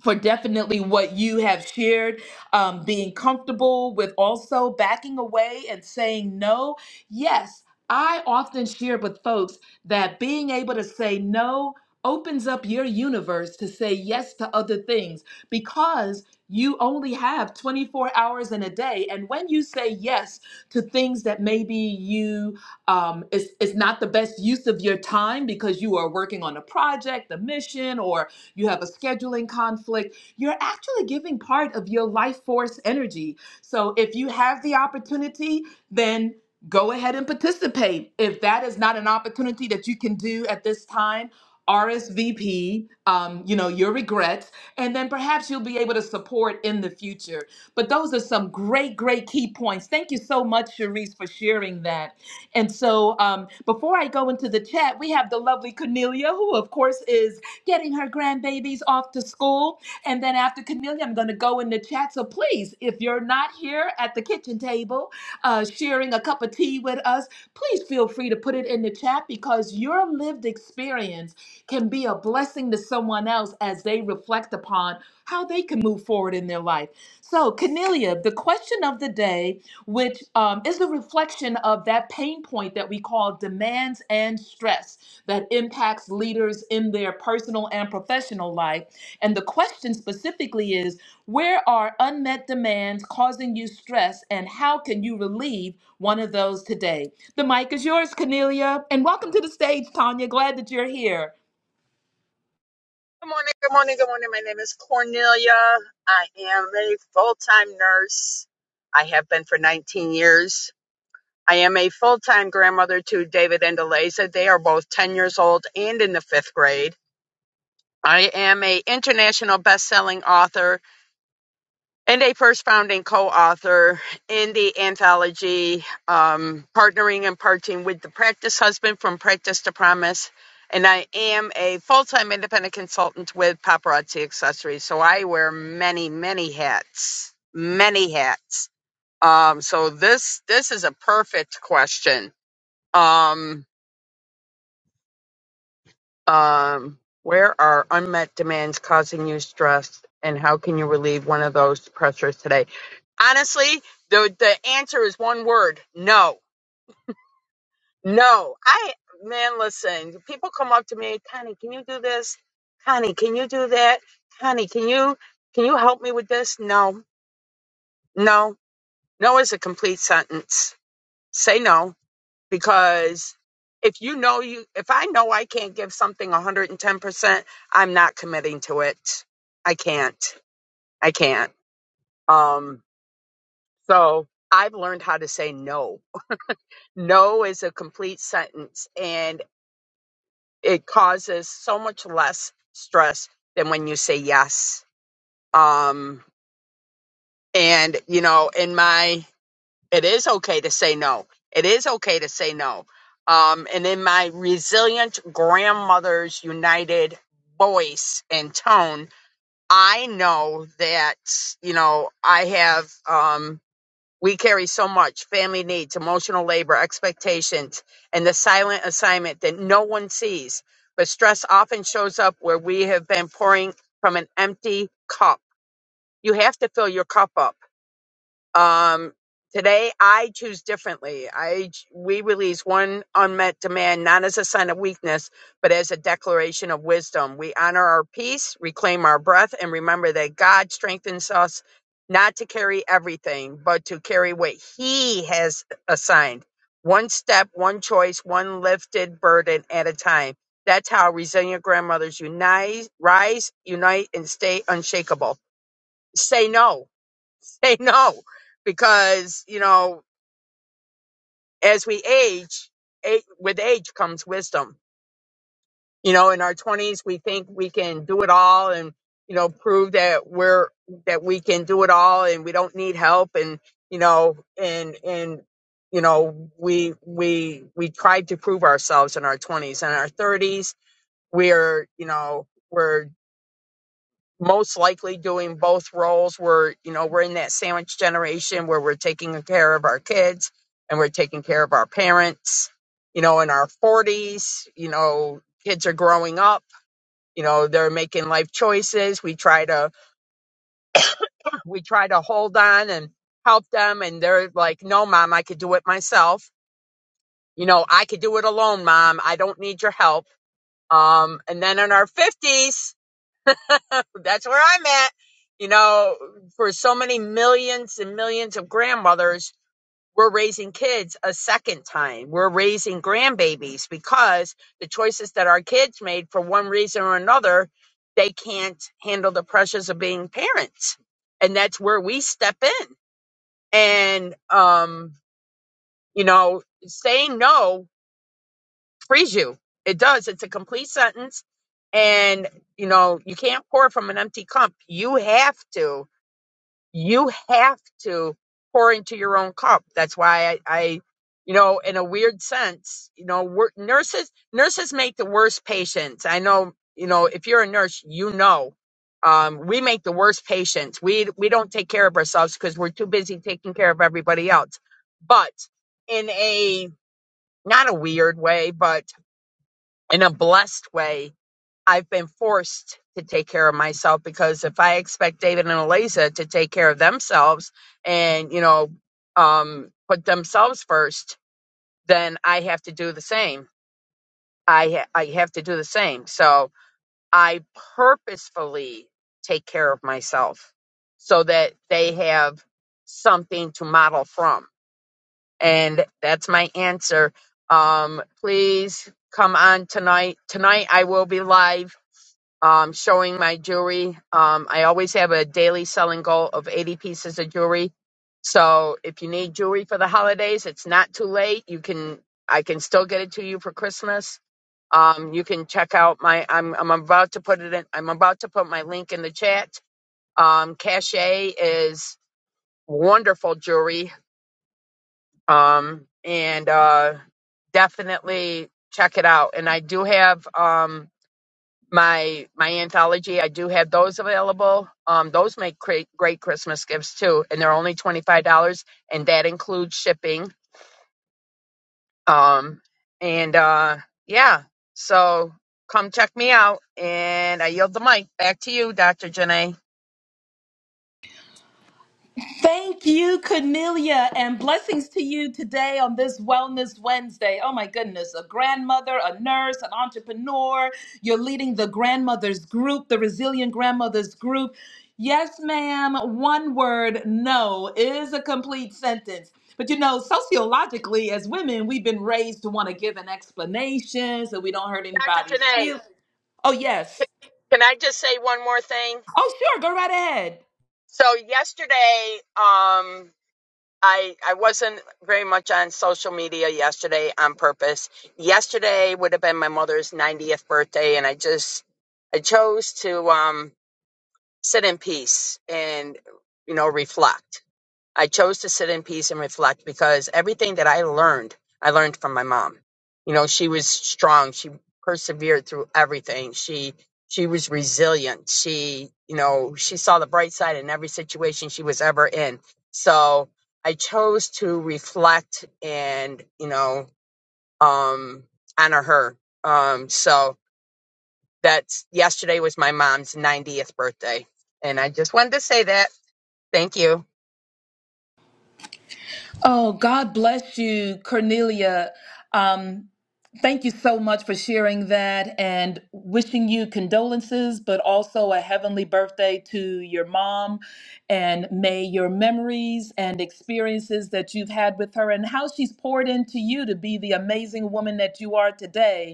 [SPEAKER 1] for definitely what you have shared, um, being comfortable with also backing away and saying no. Yes, I often share with folks that being able to say no opens up your universe to say yes to other things because you only have 24 hours in a day and when you say yes to things that maybe you um, it's, it's not the best use of your time because you are working on a project a mission or you have a scheduling conflict, you're actually giving part of your life force energy. So if you have the opportunity, then go ahead and participate. If that is not an opportunity that you can do at this time, RSVP, um, you know, your regrets, and then perhaps you'll be able to support in the future. But those are some great, great key points. Thank you so much, Cherise, for sharing that. And so um, before I go into the chat, we have the lovely Cornelia, who, of course, is getting her grandbabies off to school. And then after Cornelia, I'm going to go in the chat. So please, if you're not here at the kitchen table uh, sharing a cup of tea with us, please feel free to put it in the chat because your lived experience can be a blessing to someone else as they reflect upon how they can move forward in their life. So, Cornelia, the question of the day which um, is the reflection of that pain point that we call demands and stress that impacts leaders in their personal and professional life. And the question specifically is where are unmet demands causing you stress, and how can you relieve one of those today? The mic is yours, Cornelia, and welcome to the stage, Tanya. Glad that you're here.
[SPEAKER 4] Good morning, good morning, good morning. My name is Cornelia. I am a full time nurse. I have been for 19 years. I am a full time grandmother to David and Eliza. They are both 10 years old and in the fifth grade. I am a international best selling author and a first founding co-author in the anthology um, partnering and parting with the practice husband from practice to promise and i am a full-time independent consultant with paparazzi accessories so i wear many many hats many hats um, so this this is a perfect question Um, Um, where are unmet demands causing you stress, and how can you relieve one of those pressures today? Honestly, the the answer is one word: no, no. I man, listen. People come up to me, Connie, can you do this? Connie, can you do that? Connie, can you can you help me with this? No, no, no is a complete sentence. Say no. because if you know you if i know i can't give something 110% i'm not committing to it i can't i can't um so i've learned how to say no no is a complete sentence and it causes so much less stress than when you say yes um and you know in my It is okay to say no. It is okay to say no. Um, and in my resilient grandmother's united voice and tone, I know that, you know, I have, um, we carry so much family needs, emotional labor, expectations, and the silent assignment that no one sees. But stress often shows up where we have been pouring from an empty cup. You have to fill your cup up um, today I choose differently. I ch- we release one unmet demand not as a sign of weakness, but as a declaration of wisdom. We honor our peace, reclaim our breath, and remember that God strengthens us not to carry everything, but to carry what He has assigned. One step, one choice, one lifted burden at a time. That's how resilient grandmothers unite, rise, unite, and stay unshakable. Say no say no because you know as we age a with age comes wisdom you know in our 20s we think we can do it all and you know prove that we're that we can do it all and we don't need help and you know and and you know we we we tried to prove ourselves in our 20s In our 30s we're you know we're most likely doing both roles. We're, you know, we're in that sandwich generation where we're taking care of our kids and we're taking care of our parents, you know, in our 40s, you know, kids are growing up, you know, they're making life choices. We try to we try to hold on and help them and they're like, "No, mom, I could do it myself. You know, I could do it alone, mom. I don't need your help." Um and then in our 50s, that's where I'm at. You know, for so many millions and millions of grandmothers, we're raising kids a second time. We're raising grandbabies because the choices that our kids made for one reason or another, they can't handle the pressures of being parents. And that's where we step in. And, um, you know, saying no frees you. It does. It's a complete sentence. And, you know, you can't pour from an empty cup. You have to you have to pour into your own cup. That's why I, I you know, in a weird sense, you know, we're, nurses nurses make the worst patients. I know, you know, if you're a nurse, you know, um, we make the worst patients. We we don't take care of ourselves because we're too busy taking care of everybody else. But in a not a weird way, but in a blessed way, I've been forced to take care of myself because if I expect David and Eliza to take care of themselves and, you know, um, put themselves first, then I have to do the same. I, ha- I have to do the same. So I purposefully take care of myself so that they have something to model from. And that's my answer. Um, please come on tonight. Tonight I will be live um, showing my jewelry. Um, I always have a daily selling goal of 80 pieces of jewelry. So if you need jewelry for the holidays, it's not too late. You can, I can still get it to you for Christmas. Um, you can check out my, I'm, I'm about to put it in, I'm about to put my link in the chat. Um, Cache is wonderful jewelry. Um, and, uh, definitely check it out. And I do have, um, my my anthology. I do have those available. Um, those make great great Christmas gifts too, and they're only twenty five dollars, and that includes shipping. Um, and uh, yeah, so come check me out, and I yield the mic back to you, Doctor Janae.
[SPEAKER 1] Thank you, Cornelia, and blessings to you today on this Wellness Wednesday. Oh my goodness, a grandmother, a nurse, an entrepreneur. You're leading the grandmothers group, the resilient grandmothers group. Yes, ma'am, one word, no, is a complete sentence. But you know, sociologically, as women, we've been raised to want to give an explanation so we don't hurt
[SPEAKER 4] Doctor
[SPEAKER 1] anybody's
[SPEAKER 4] Janae,
[SPEAKER 1] feelings. Oh, yes.
[SPEAKER 4] c- can I just say one more thing?
[SPEAKER 1] Oh, sure, go right ahead.
[SPEAKER 4] So yesterday, um, I I wasn't very much on social media yesterday on purpose. Yesterday would have been my mother's 90th birthday and I just I chose to um sit in peace and you know reflect. I chose to sit in peace and reflect because everything that I learned, I learned from my mom. You know, she was strong. She persevered through everything. She she was resilient. She, you know, she saw the bright side in every situation she was ever in. So I chose to reflect and, you know, um honor her. Um so that's yesterday was my mom's 90th birthday. And I just wanted to say that. Thank you.
[SPEAKER 1] Oh, God bless you, Cornelia. Um, thank you so much for sharing that and wishing you condolences, but also a heavenly birthday to your mom. And may your memories and experiences that you've had with her and how she's poured into you to be the amazing woman that you are today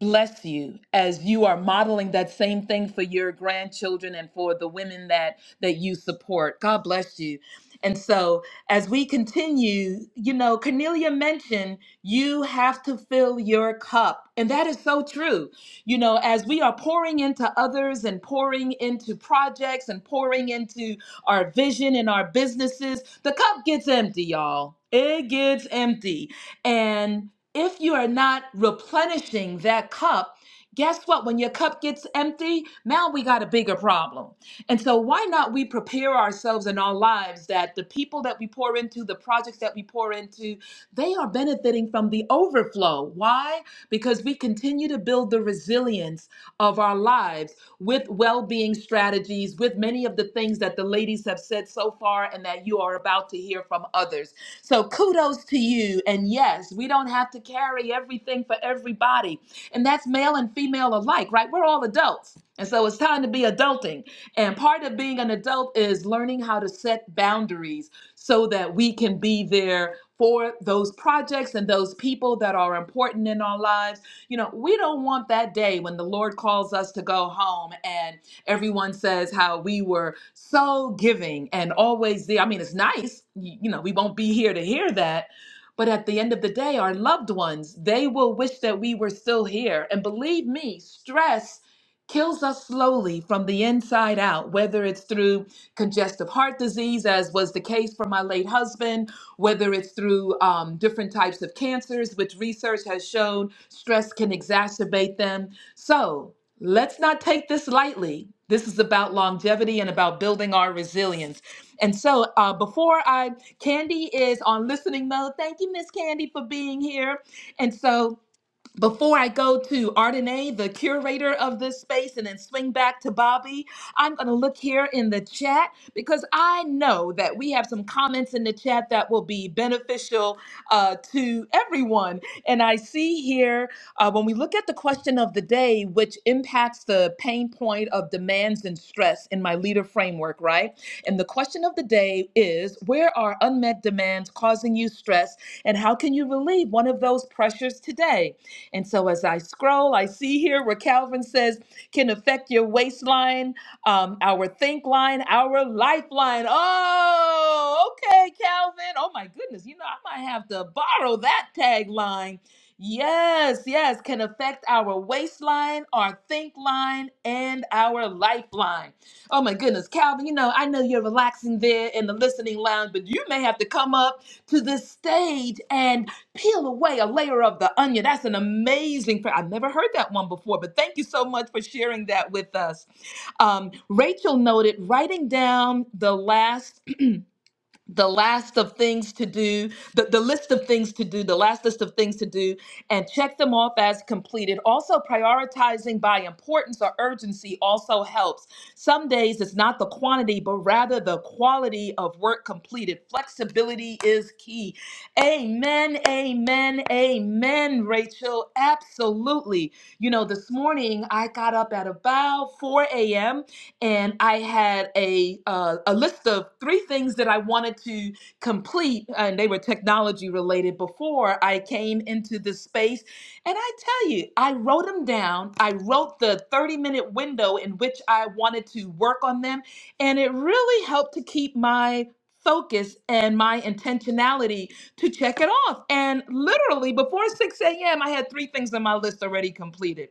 [SPEAKER 1] bless you as you are modeling that same thing for your grandchildren and for the women that that you support god bless you and so as we continue you know cornelia mentioned you have to fill your cup and that is so true you know as we are pouring into others and pouring into projects and pouring into our vision and our businesses the cup gets empty y'all it gets empty and if you are not replenishing that cup, guess what? When your cup gets empty, now we got a bigger problem. And so, why not we prepare ourselves in our lives that the people that we pour into, the projects that we pour into, they are benefiting from the overflow. Why? Because we continue to build the resilience of our lives with well being strategies, with many of the things that the ladies have said so far and that you are about to hear from others. So kudos to you. And yes, we don't have to carry everything for everybody. And that's male and female alike, right? We're all adults. And so it's time to be adulting. And part of being an adult is learning how to set boundaries so that we can be there for those projects and those people that are important in our lives. You know, we don't want that day when the Lord calls us to go home and. Everyone says how we were so giving and always there. I mean, it's nice. You, you know, we won't be here to hear that. But at the end of the day, our loved ones, they will wish that we were still here. And believe me, stress kills us slowly from the inside out, whether it's through congestive heart disease, as was the case for my late husband, whether it's through um, different types of cancers, which research has shown stress can exacerbate them. So, Let's not take this lightly. This is about longevity and about building our resilience. And so, uh, before I, Candy is on listening mode. Thank you, Miss Candy, for being here. And so, before I go to Ardenae, the curator of this space, and then swing back to Bobby, I'm going to look here in the chat because I know that we have some comments in the chat that will be beneficial uh, to everyone. And I see here uh, when we look at the question of the day, which impacts the pain point of demands and stress in my leader framework, right? And the question of the day is where are unmet demands causing you stress, and how can you relieve one of those pressures today? And so as I scroll, I see here where Calvin says can affect your waistline, um, our think line, our lifeline. Oh, okay, Calvin. Oh my goodness. You know, I might have to borrow that tagline. Yes, yes, can affect our waistline, our think line, and our lifeline. Oh my goodness, Calvin, you know, I know you're relaxing there in the listening lounge, but you may have to come up to this stage and Peel away a layer of the onion. That's an amazing prayer. I've never heard that one before, but thank you so much for sharing that with us. Um, Rachel noted writing down the last the last of things to do, the, the list of things to do, the last list of things to do, and check them off as completed. Also, prioritizing by importance or urgency also helps. Some days it's not the quantity, but rather the quality of work completed. Flexibility is key. Amen, amen, amen, Rachel. Absolutely. You know, this morning I got up at about 4 a.m and I had a uh, a list of three things that I wanted to complete, and they were technology related. Before I came into this space, and I tell you, I wrote them down. I wrote the thirty minute window in which I wanted to work on them, and it really helped to keep my focus and my intentionality to check it off. And literally before 6 a.m., I had three things on my list already completed.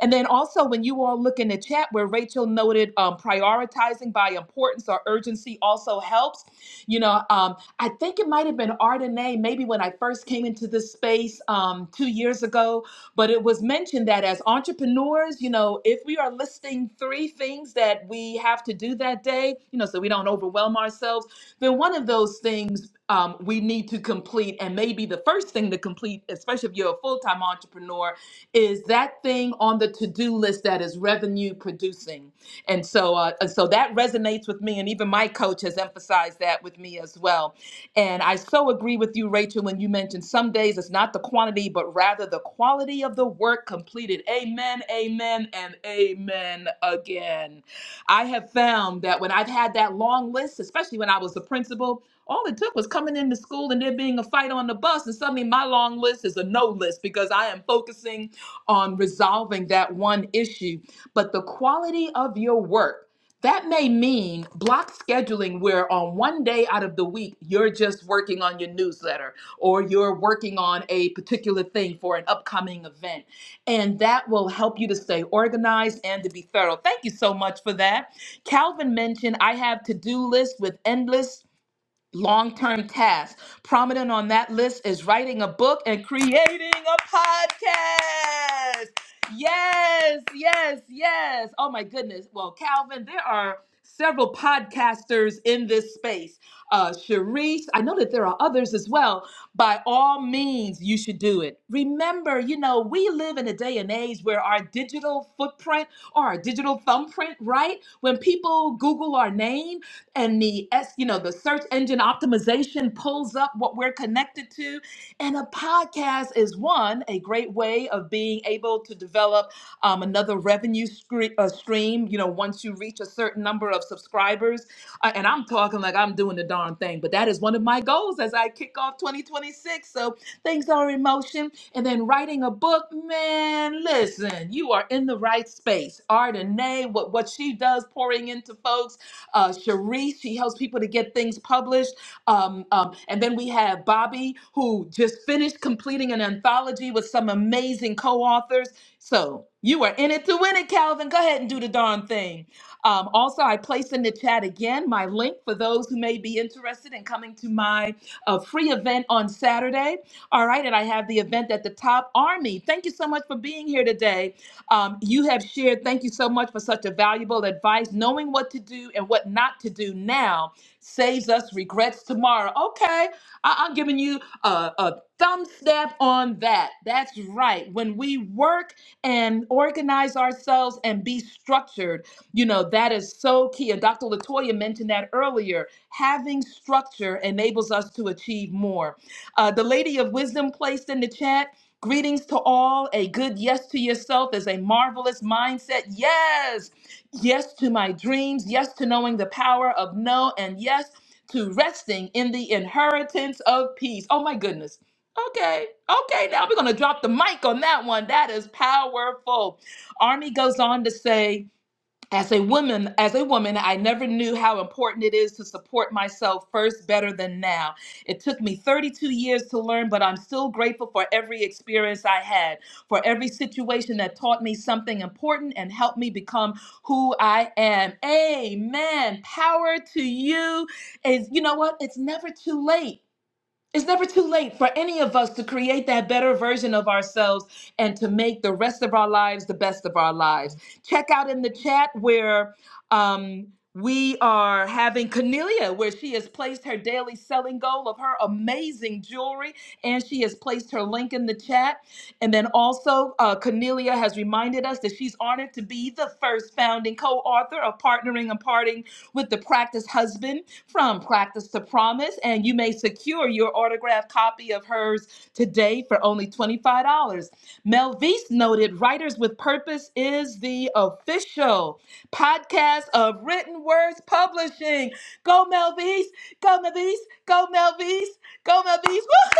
[SPEAKER 1] And then also, when you all look in the chat where Rachel noted um, prioritizing by importance or urgency also helps. You know, um, I think it might have been Ardenae, maybe when I first came into this space um, two years ago, but it was mentioned that as entrepreneurs, you know, if we are listing three things that we have to do that day, you know, so we don't overwhelm ourselves, then one of those things um, we need to complete, and maybe the first thing to complete, especially if you're a full time entrepreneur, is that thing on the to-do list that is revenue producing and so uh, and so that resonates with me and even my coach has emphasized that with me as well and i so agree with you rachel when you mentioned some days it's not the quantity but rather the quality of the work completed amen amen and amen again i have found that when i've had that long list especially when i was the principal all it took was coming into school and there being a fight on the bus and suddenly my long list is a no list because i am focusing on resolving that one issue, but the quality of your work. That may mean block scheduling, where on one day out of the week, you're just working on your newsletter or you're working on a particular thing for an upcoming event. And that will help you to stay organized and to be thorough. Thank you so much for that. Calvin mentioned I have to do lists with endless long term tasks. Prominent on that list is writing a book and creating a podcast. Yes, yes, yes. Oh my goodness. Well, Calvin, there are several podcasters in this space. Uh, Sharice, I know that there are others as well. By all means, you should do it. Remember, you know, we live in a day and age where our digital footprint or our digital thumbprint, right? When people Google our name, and the S, you know, the search engine optimization pulls up what we're connected to. And a podcast is one, a great way of being able to develop um, another revenue scre- uh, stream, you know, once you reach a certain number of subscribers. Uh, and I'm talking like I'm doing the darn thing, but that is one of my goals as I kick off 2026. So things are in motion. And then writing a book, man, listen, you are in the right space. Ardenay, what, what she does, pouring into folks uh, Cherie. She helps people to get things published. Um, um, and then we have Bobby, who just finished completing an anthology with some amazing co authors. So you are in it to win it, Calvin. Go ahead and do the darn thing. Um, also, I placed in the chat again my link for those who may be interested in coming to my uh, free event on Saturday. All right, and I have the event at the top. Army, thank you so much for being here today. Um, you have shared, thank you so much for such a valuable advice. Knowing what to do and what not to do now saves us regrets tomorrow. Okay, I- am giving you a, a thumb step on that. That's right. When we work and organize ourselves and be structured, you know, that is so key. And Dr. Latoya mentioned that earlier. Having structure enables us to achieve more. Uh, the Lady of Wisdom placed in the chat Greetings to all. A good yes to yourself is a marvelous mindset. Yes. Yes to my dreams. Yes to knowing the power of no. And yes to resting in the inheritance of peace. Oh, my goodness. Okay. Okay. Now we're going to drop the mic on that one. That is powerful. Army goes on to say, as a woman as a woman i never knew how important it is to support myself first better than now it took me 32 years to learn but i'm still grateful for every experience i had for every situation that taught me something important and helped me become who i am amen power to you is you know what it's never too late it's never too late for any of us to create that better version of ourselves and to make the rest of our lives the best of our lives. Check out in the chat where um, we are having Cornelia, where she has placed her daily selling goal of her amazing jewelry, and she has placed her link in the chat. And then also, uh, Cornelia has reminded us that she's honored to be the first founding co author of Partnering and Parting with the practice husband from Practice to Promise, and you may secure your autographed copy of hers today for only $25. Melvise noted Writers with Purpose is the official podcast of Written Words Publishing. Go Melvise, go Melvise, go Melvise, go Melvise. Woo!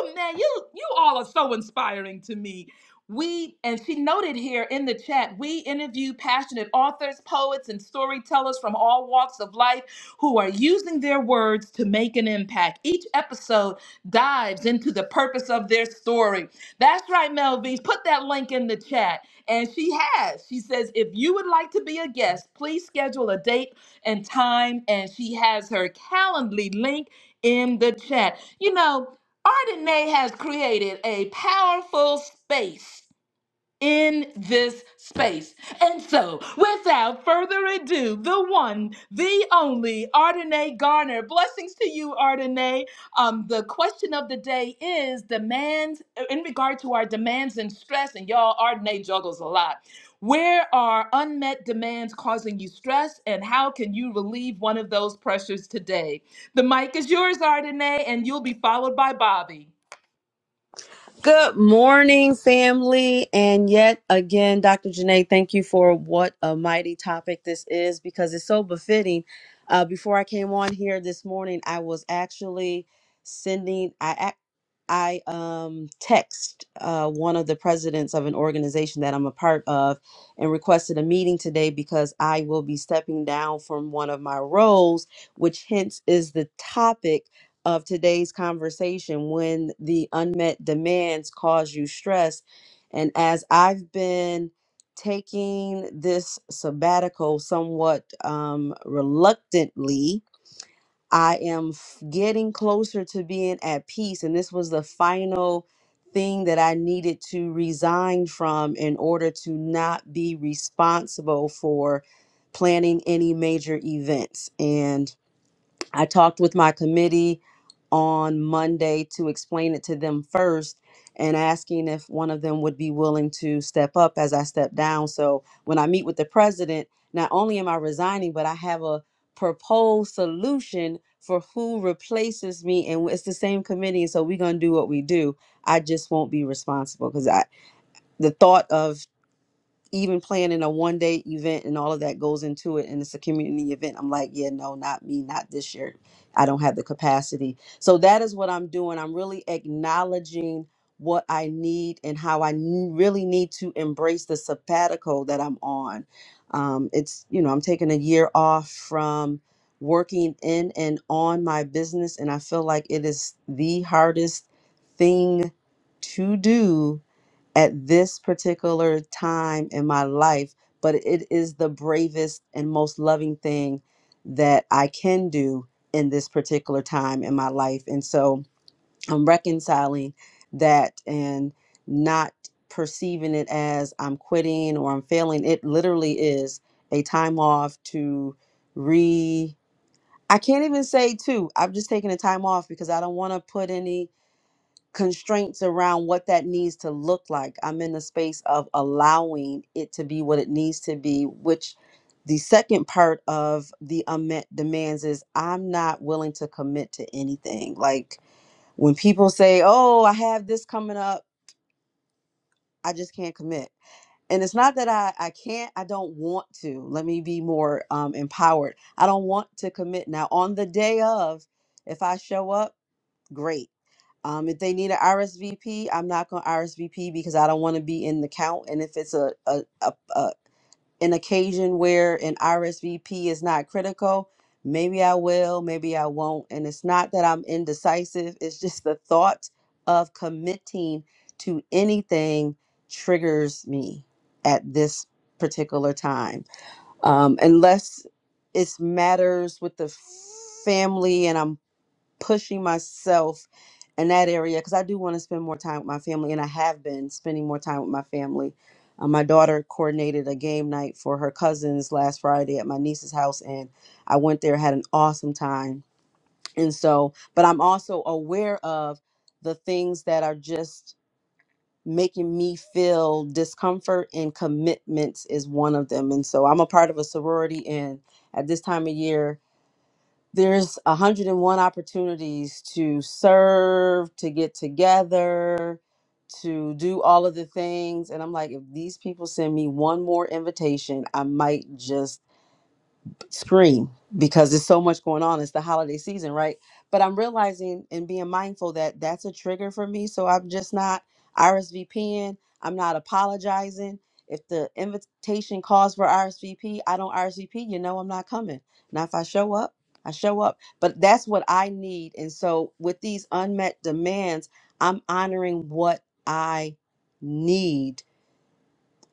[SPEAKER 1] Oh man, you you all are so inspiring to me. We and she noted here in the chat, we interview passionate authors, poets, and storytellers from all walks of life who are using their words to make an impact. Each episode dives into the purpose of their story. That's right, Melvise. Put that link in the chat. And she has. She says, if you would like to be a guest, please schedule a date and time. And she has her Calendly link in the chat. You know, Ardenay has created a powerful space in this space. And so, without further ado, the one, the only Ardenay Garner. Blessings to you, Ardenay. Um, the question of the day is demands in regard to our demands and stress. And y'all, Ardenay juggles a lot. Where are unmet demands causing you stress, and how can you relieve one of those pressures today? The mic is yours, Ardenay, and you'll be followed by Bobby.
[SPEAKER 5] Good morning, family. And yet again, Dr. Janae, thank you for what a mighty topic this is because it's so befitting. Uh, before I came on here this morning, I was actually sending. I I um, text uh, one of the presidents of an organization that I'm a part of and requested a meeting today because I will be stepping down from one of my roles, which hence is the topic of today's conversation when the unmet demands cause you stress. And as I've been taking this sabbatical somewhat um, reluctantly, I am f- getting closer to being at peace. And this was the final thing that I needed to resign from in order to not be responsible for planning any major events. And I talked with my committee on Monday to explain it to them first and asking if one of them would be willing to step up as I step down. So when I meet with the president, not only am I resigning, but I have a proposed solution for who replaces me and it's the same committee so we're going to do what we do i just won't be responsible because i the thought of even planning a one day event and all of that goes into it and it's a community event i'm like yeah no not me not this year i don't have the capacity so that is what i'm doing i'm really acknowledging what i need and how i n- really need to embrace the sabbatical that i'm on um, it's you know i'm taking a year off from working in and on my business and i feel like it is the hardest thing to do at this particular time in my life, but it is the bravest and most loving thing that I can do in this particular time in my life. And so I'm reconciling that and not perceiving it as I'm quitting or I'm failing. It literally is a time off to re. I can't even say to. I've just taken a time off because I don't want to put any constraints around what that needs to look like. I'm in the space of allowing it to be what it needs to be, which the second part of the unmet demands is I'm not willing to commit to anything. Like when people say, Oh, I have this coming up, I just can't commit. And it's not that I, I can't, I don't want to. Let me be more um, empowered. I don't want to commit. Now, on the day of, if I show up, great um, if they need an RSVP, I'm not going to RSVP because I don't want to be in the count. And if it's a, a, a, a an occasion where an RSVP is not critical, maybe I will, maybe I won't. And it's not that I'm indecisive. It's just the thought of committing to anything triggers me at this particular time. Um, unless it's matters with the family and I'm pushing myself in that area because I do want to spend more time with my family, and I have been spending more time with my family. Uh, my daughter coordinated a game night for her cousins last Friday at my niece's house, and I went there, had an awesome time. And so, but I'm also aware of the things that are just making me feel discomfort, and commitments is one of them. And so, I'm a part of a sorority, and at this time of year, there's 101 opportunities to serve, to get together, to do all of the things. And I'm like, if these people send me one more invitation, I might just scream because there's so much going on. It's the holiday season, right? But I'm realizing and being mindful that that's a trigger for me. So I'm just not RSVPing. I'm not apologizing. If the invitation calls for RSVP, I don't RSVP. You know, I'm not coming. Now, if I show up, I show up. But that's what I need. And so with these unmet demands, I'm honoring what I need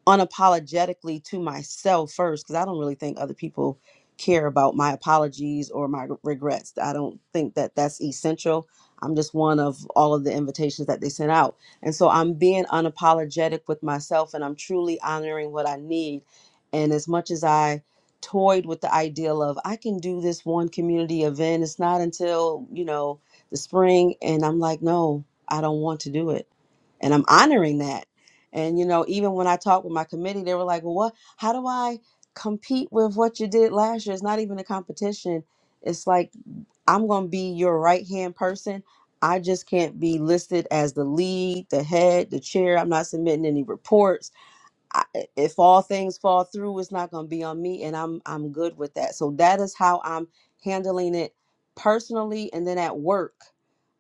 [SPEAKER 5] unapologetically to myself first because I don't really think other people care about my apologies or my regrets. I don't think that that's essential. I'm just one of all of the invitations that they sent out. And so I'm being unapologetic with myself and I'm truly honoring what I need. And as much as I toyed with the ideal of I can do this one community event, it's not until, you know, the spring and I'm like, no, I don't want to do it and I'm honoring that and you know, even when I talked with my committee, they were like, "Well, what? How do I compete with what you did last year? It's not even a competition. It's like I'm going to be your right hand person. I just can't be listed as the lead, the head, the chair. I'm not submitting any reports. I, if all things fall through, it's not going to be on me, and I'm I'm good with that. So that is how I'm handling it personally, and then at work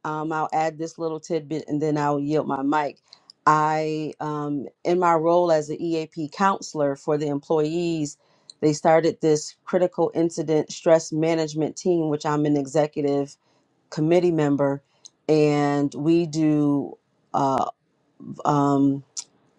[SPEAKER 5] um, I'll add this little tidbit and then I'll yield my mic. I, um, in my role as an EAP counselor for the employees, they started this critical incident stress management team, which I'm an executive committee member, and we do uh, um,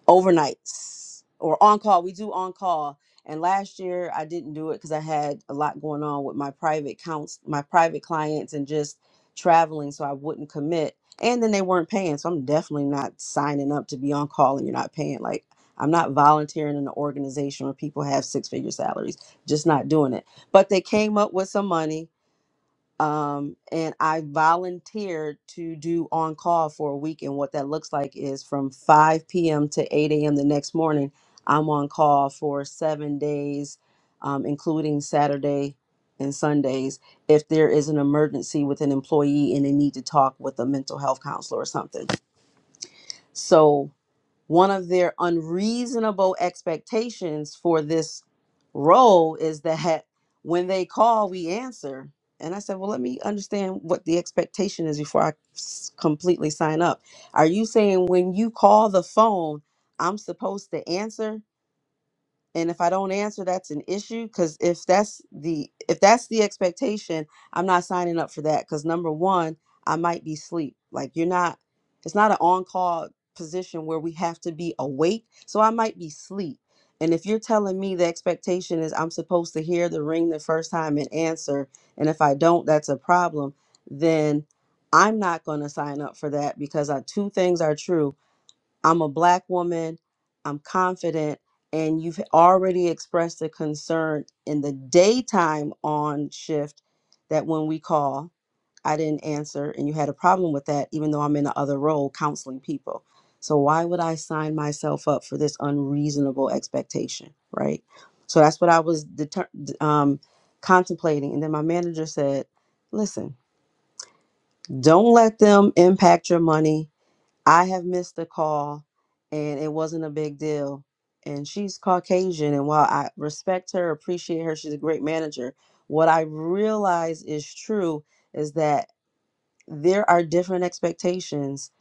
[SPEAKER 5] overnights or on call. We do on call. And last year I didn't do it because I had a lot going on with my private counts, my private clients, and just traveling, so I wouldn't commit. And then they weren't paying, so I'm definitely not signing up to be on call and you're not paying. Like I'm not volunteering in an organization where people have six figure salaries, just not doing it. But they came up with some money um, and I volunteered to do on call for a week. And what that looks like is from 5 p.m. to 8 a.m. the next morning, I'm on call for seven days, um, including Saturday and Sundays. If there is an emergency with an employee and they need to talk with a mental health counselor or something, so one of their unreasonable expectations for this role is that when they call, we answer. And I said, well, let me understand what the expectation is before I s- completely sign up. Are you saying when you call the phone, I'm supposed to answer? and if i don't answer that's an issue because if that's the if that's the expectation i'm not signing up for that because number one i might be asleep like you're not it's not an on-call position where we have to be awake so i might be asleep and if you're telling me the expectation is i'm supposed to hear the ring the first time and answer and if i don't that's a problem then i'm not going to sign up for that because uh two things are true I'm a black woman, I'm confident, and you've already expressed a concern in the daytime on shift that when we call, I didn't answer, and you had a problem with that, even though I'm in the other role counseling people. So why would I sign myself up for this unreasonable expectation, right? So that's what I was deter- um, contemplating, and then my manager said, "Listen, don't let them impact your money I have missed a call and it wasn't a big deal. And she's Caucasian. And while I respect her, appreciate her, she's a great manager. What I realize is true is that there are different expectations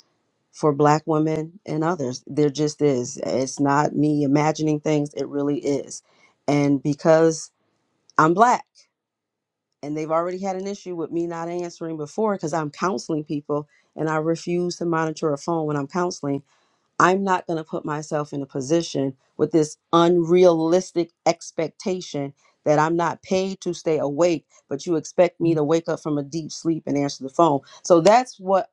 [SPEAKER 5] for Black women and others. There just is. It's not me imagining things, it really is. And because I'm Black and they've already had an issue with me not answering before because I'm counseling people and I refuse to monitor a phone when I'm counseling I'm not going to put myself in a position with this unrealistic expectation that I'm not paid to stay awake, but you expect me to wake up from a deep sleep and answer the phone. So that's what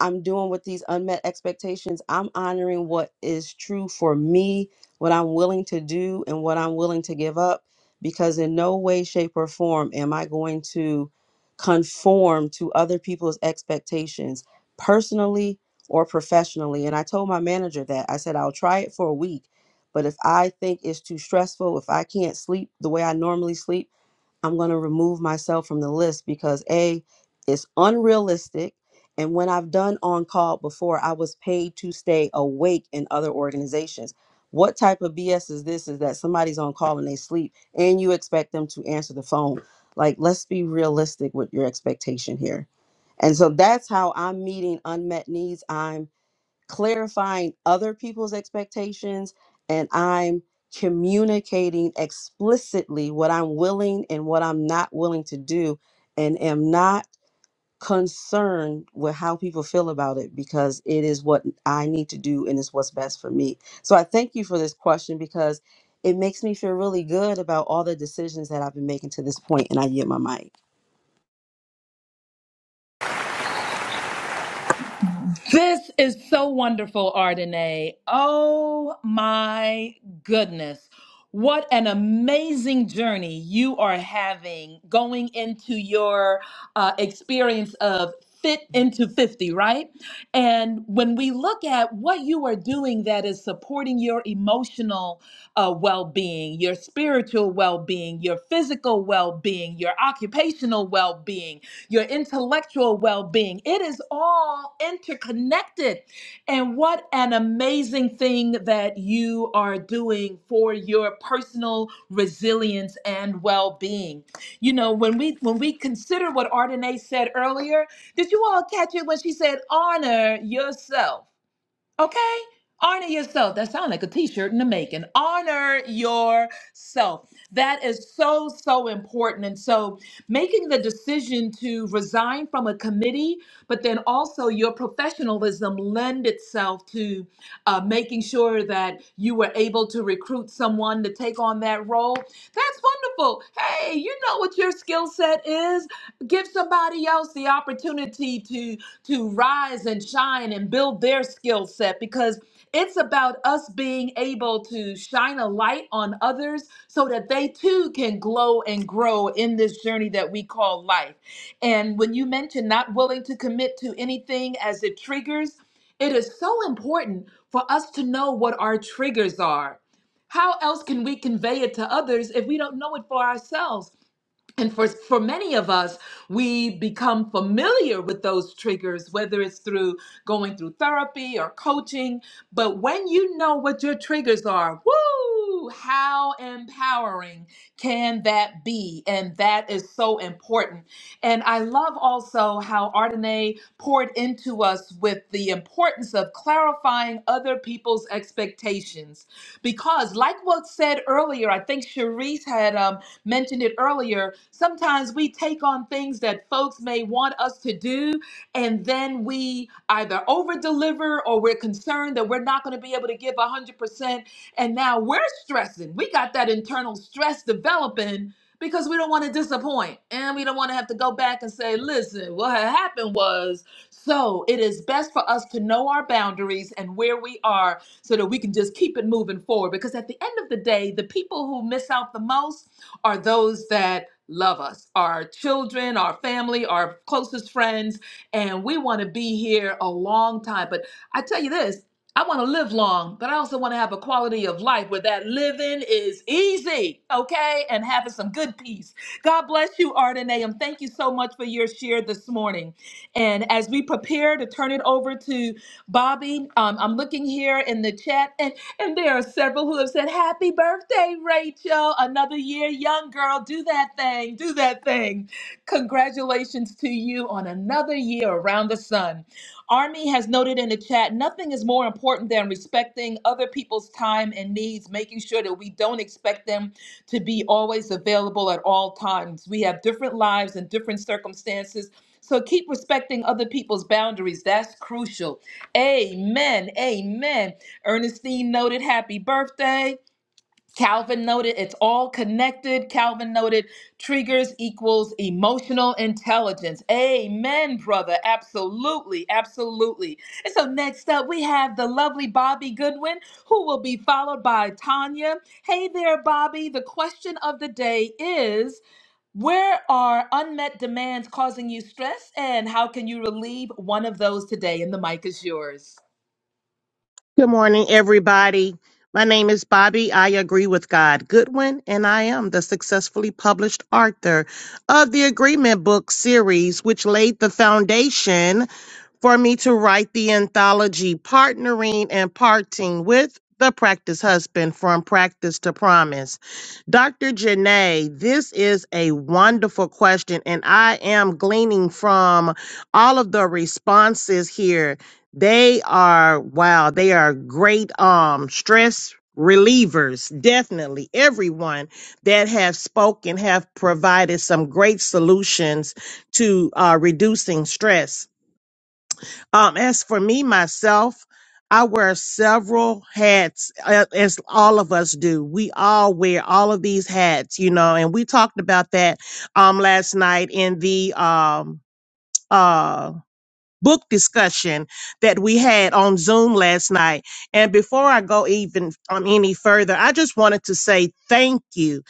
[SPEAKER 5] I'm doing with these unmet expectations. I'm honoring what is true for me, what I'm willing to do, and what I'm willing to give up, because in no way, shape, or form am I going to conform to other people's expectations personally or professionally. And I told my manager that I said, I'll try it for a week, but if I think it's too stressful, if I can't sleep the way I normally sleep, I'm going to remove myself from the list because A, it's unrealistic. And when I've done on call before, I was paid to stay awake in other organizations. What type of BS is this? Is that somebody's on call and they sleep and you expect them to answer the phone? Like, let's be realistic with your expectation here. And so that's how I'm meeting unmet needs. I'm clarifying other people's expectations and I'm communicating explicitly what I'm willing and what I'm not willing to do and am not concerned with how people feel about it because it is what I need to do and it's what's best for me. So I thank you for this question because it makes me feel really good about all the decisions that I've been making to this point and I get my mic.
[SPEAKER 1] This is so wonderful, Ardenae. Oh my goodness. What an amazing journey you are having going into your uh, experience of fit into 50, right? And when we look at what you are doing that is supporting your emotional uh, well being, your spiritual well being, your physical well being, your occupational well being, your intellectual well being. It is all interconnected. And what an amazing thing that you are doing for your personal resilience and well being. You know, when we when we consider what Ardenae said earlier, did you all catch it when she said honor yourself? Okay? Honor yourself. That sounds like a t shirt in the making. Honor yourself. That is so, so important. And so making the decision to resign from a committee, but then also your professionalism lend itself to uh, making sure that you were able to recruit someone to take on that role. That's wonderful. Hey, you know what your skill set is. Give somebody else the opportunity to to rise and shine and build their skill set because it's about us being able to shine a light on others so that they too can glow and grow in this journey that we call life. And when you mention not willing to commit to anything as it triggers, it is so important for us to know what our triggers are. How else can we convey it to others if we don't know it for ourselves? and for for many of us we become familiar with those triggers whether it's through going through therapy or coaching but when you know what your triggers are woo how empowering can that be and that is so important and i love also how Ardenae poured into us with the importance of clarifying other people's expectations because like what said earlier i think cherise had uh, mentioned it earlier. Sometimes we take on things that folks may want us to do, and then we either over deliver or we're concerned that we're not going to be able to give 100%. And now we're stressing. We got that internal stress developing because we don't want to disappoint and we don't want to have to go back and say, listen, what had happened was. So it is best for us to know our boundaries and where we are so that we can just keep it moving forward. Because at the end of the day, the people who miss out the most are those that love us, our children, our family, our closest friends, and we want to be here a long time. But I tell you this, I want to live long, but I also want to have a quality of life where that living is easy, okay? And having some good peace. God bless you, Art and Nahum. Thank you so much for your share this morning. And as we prepare to turn it over to Bobby, um, I'm looking here in the chat. and. And there are several who have said, Happy birthday, Rachel. Another year young girl. Do that thing. Do that thing. Congratulations to you on another year around the sun. Army has noted in the chat nothing is more important than respecting other people's time and needs, making sure that we don't expect them to be always available at all times. We have different lives and different circumstances. So keep respecting other people's boundaries. That's crucial. Amen. Amen. Ernestine noted happy birthday. Calvin noted it's all connected. Calvin noted triggers equals emotional intelligence. Amen, brother. Absolutely. Absolutely. And so next up, we have the lovely Bobby Goodwin, who will be followed by Tanya. Hey there, Bobby. The question of the day is Where are unmet demands causing you stress, and how can you relieve one of those today? And the mic is yours.
[SPEAKER 6] Good morning, everybody. My name is Bobby. I agree with God Goodwin, and I am the successfully published author of the Agreement Book series, which laid the foundation for me to write the anthology Partnering and Parting with the Practice Husband from Practice to Promise. Dr. Janae, this is a wonderful question, and I am gleaning from all of the responses here. They are wow, they are great um stress relievers definitely everyone that have spoken have provided some great solutions to uh, reducing stress um, as for me, myself, I wear several hats, uh, as all of us do. We all wear all of these hats, you know, and we talked about that um, last night in the um, uh, book discussion that we had on Zoom last night. And before I go even um, any further, I just wanted to say thank you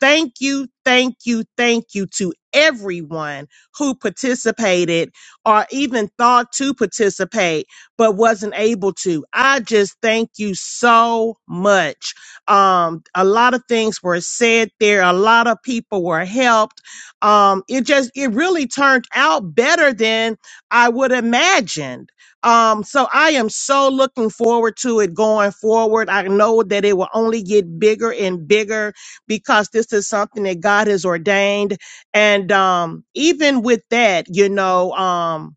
[SPEAKER 6] Thank you, thank you, thank you to everyone who participated or even thought to participate but wasn't able to. I just thank you so much. Um, a lot of things were said there, a lot of people were helped. Um, it just, it really turned out better than I would imagined. Um, so I am so looking forward to it going forward. I know that it will only get bigger and bigger because this is something that God has ordained. And um, even with that, you know, um,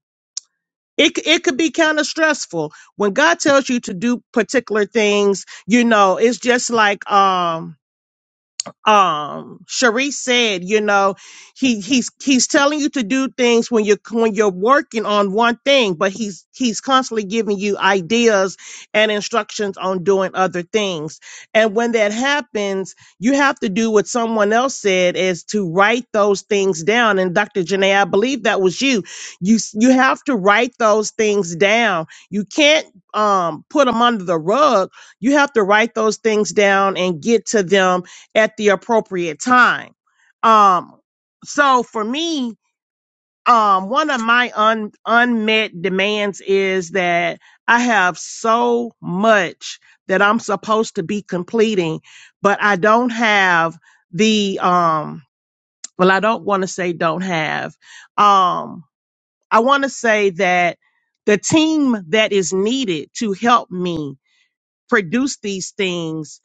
[SPEAKER 6] it c- it could be kind of stressful when God tells you to do particular things. You know, it's just like um um Sharice said, you know, he he's he's telling you to do things when you're when you're working on one thing, but he's he's constantly giving you ideas and instructions on doing other things. And when that happens, you have to do what someone else said is to write those things down. And Dr. Janae, I believe that was you. You s- you have to write those things down. You can't um put them under the rug. You have to write those things down and get to them at the appropriate time. Um, so for me, um, one of my un- unmet demands is that I have so much that I'm supposed to be completing, but I don't have the, um, well, I don't want to say don't have. Um, I want to say that the team that is needed to help me produce these things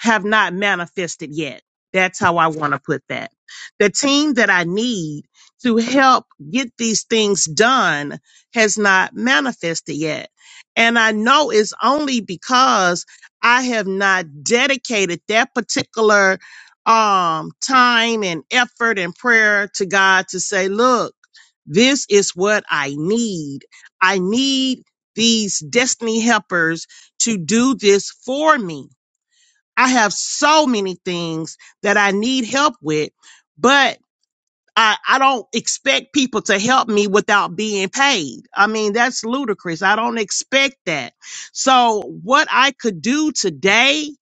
[SPEAKER 6] have not manifested yet. That's how I want to put that. The team that I need to help get these things done has not manifested yet. And I know it's only because I have not dedicated that particular um, time and effort and prayer to God to say, look, this is what I need. I need these destiny helpers to do this for me I have so many things that I need help with, but I, I don't expect people to help me without being paid. I mean, that's ludicrous. I don't expect that. So what I could do today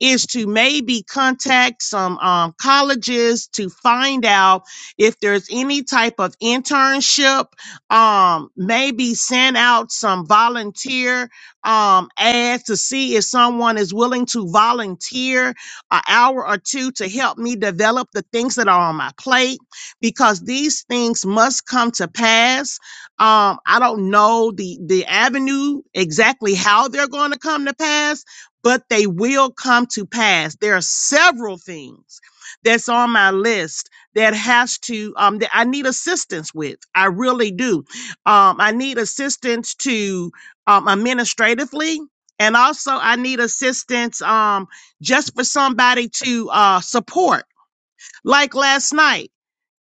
[SPEAKER 6] is to maybe contact some um, colleges to find out if there's any type of internship. Um, maybe send out some volunteer um, ads to see if someone is willing to volunteer an hour or two to help me develop the things that are on my plate because these things must come to pass. Um, I don't know the the avenue exactly how they're going to come to pass but they will come to pass. There are several things that's on my list that has to um that I need assistance with. I really do. Um, I need assistance to um administratively. And also I need assistance um just for somebody to uh support. Like last night.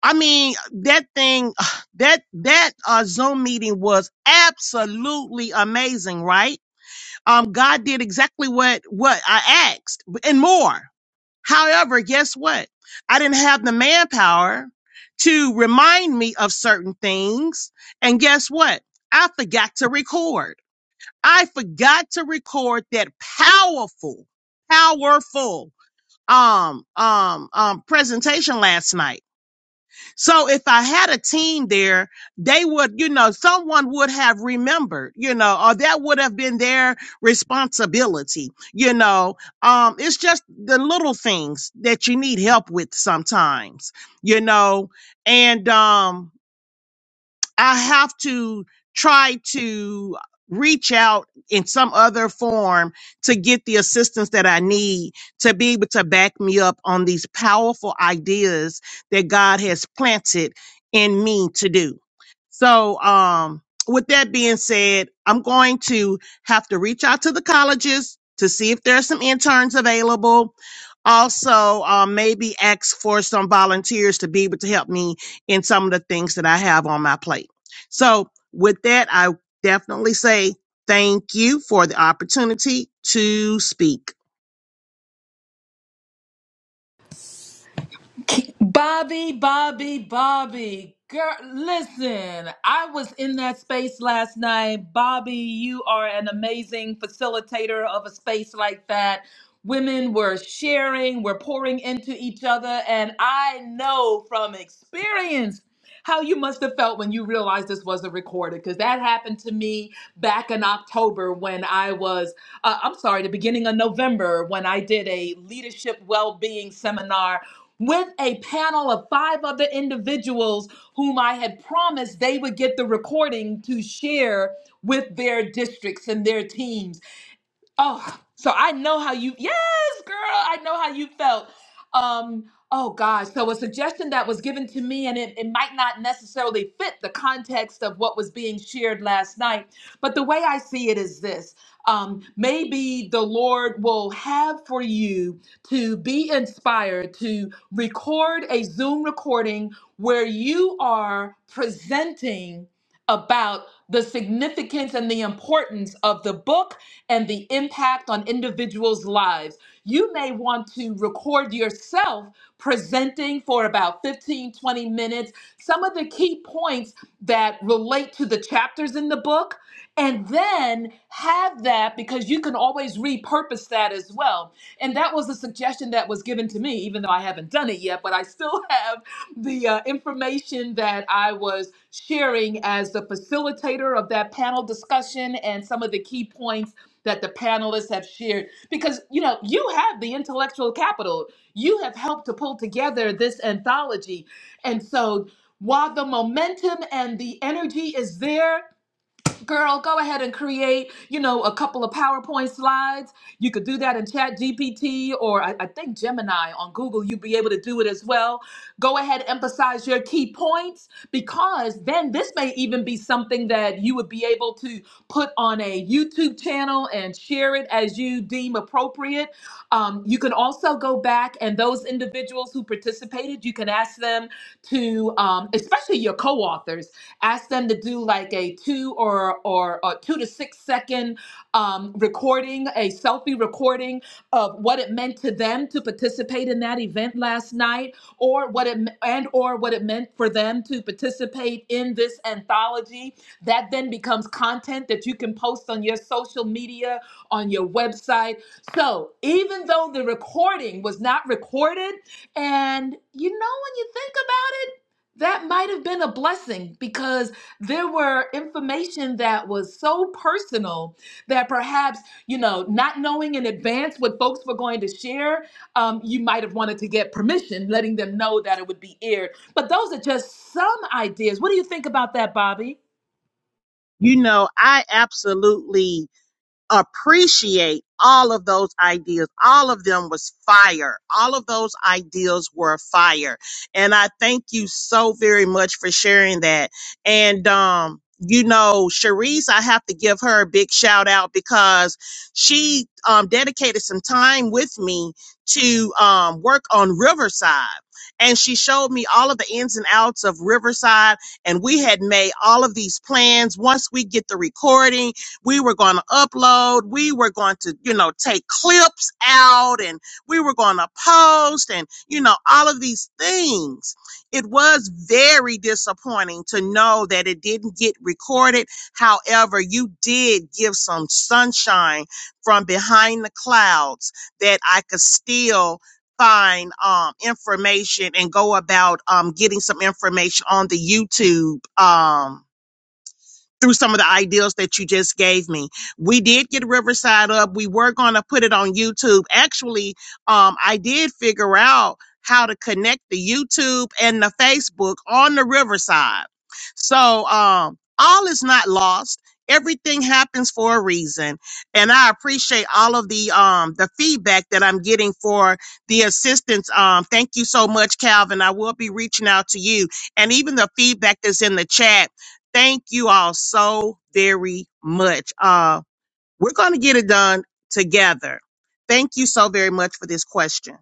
[SPEAKER 6] I mean that thing that that uh Zoom meeting was absolutely amazing, right? um, God did exactly what what I asked and more. However, guess what? I didn't have the manpower to remind me of certain things, and guess what? I forgot to record. I forgot to record that powerful, powerful um um um presentation last night. So if I had a team there, they would, you know, someone would have remembered, you know, or that would have been their responsibility, you know. Um, it's just the little things that you need help with sometimes, you know. And um I have to try to reach out in some other form to get the assistance that I need to be able to back me up on these powerful ideas that God has planted in me to do. So, um, with that being said, I'm going to have to reach out to the colleges to see if there are some interns available. Also, uh, maybe ask for some volunteers to be able to help me in some of the things that I have on my plate. So, with that, I definitely say thank you for the opportunity to speak.
[SPEAKER 1] Bobby, Bobby, Bobby. Girl, listen, I was in that space last night. Bobby, you are an amazing facilitator of a space like that. Women were sharing, we're pouring into each other. And I know from experience how you must have felt when you realized this wasn't recorded, because that happened to me back in October when I was, uh, I'm sorry, the beginning of November when I did a leadership well being seminar with a panel of five other individuals whom I had promised they would get the recording to share with their districts and their teams. Oh, so I know how you yes, girl, I know how you felt. Um, oh gosh. So a suggestion that was given to me, and it, it might not necessarily fit the context of what was being shared last night, but the way I see it is this. Um, maybe the Lord will have for you to be inspired to record a Zoom recording where you are presenting about the significance and the importance of the book and the impact on individuals' lives. You may want to record yourself presenting for about 15, 20 minutes, some of the key points that relate to the chapters in the book, and then have that because you can always repurpose that as well. And that was a suggestion that was given to me, even though I haven't done it yet, but I still have the uh, information that I was sharing as the facilitator of that panel discussion and some of the key points that the panelists have shared because you know you have the intellectual capital you have helped to pull together this anthology and so while the momentum and the energy is there girl go ahead and create you know a couple of powerpoint slides you could do that in chat gpt or I, I think gemini on google you'd be able to do it as well go ahead emphasize your key points because then this may even be something that you would be able to put on a youtube channel and share it as you deem appropriate um, you can also go back and those individuals who participated you can ask them to um, especially your co-authors Ask them to do like a two or or a two to six second um, recording, a selfie recording of what it meant to them to participate in that event last night, or what it and or what it meant for them to participate in this anthology. That then becomes content that you can post on your social media, on your website. So even though the recording was not recorded, and you know when you think about it that might have been a blessing because there were information that was so personal that perhaps you know not knowing in advance what folks were going to share um, you might have wanted to get permission letting them know that it would be aired but those are just some ideas what do you think about that bobby
[SPEAKER 6] You know, I absolutely appreciate all of those ideas. All of them was fire. All of those ideas were fire. And I thank you so very much for sharing that. And, um, you know, Cherise, I have to give her a big shout out because she um, dedicated some time with me to um, work on Riverside. And she showed me all of the ins and outs of Riverside. And we had made all of these plans. Once we get the recording, we were going to upload. We were going to, you know, take clips out and we were going to post and, you know, all of these things. It was very disappointing to know that it didn't get recorded. However, you did give some sunshine from behind the clouds that I could still find um, information and go about um, getting some information on the YouTube. Um, through some of the ideals that you just gave me. We did get Riverside up. We were going to put it on YouTube. Actually, um, I did figure out how to connect the YouTube and the Facebook on the Riverside. So, um, all is not lost. Everything happens for a reason. And I appreciate all of the, um, the feedback that I'm getting for the assistance. Um, thank you so much, Calvin. I will be reaching out to you and even the feedback that's in the chat Thank you all so very much. Uh, we're going to get it done together. Thank you so very much for this question.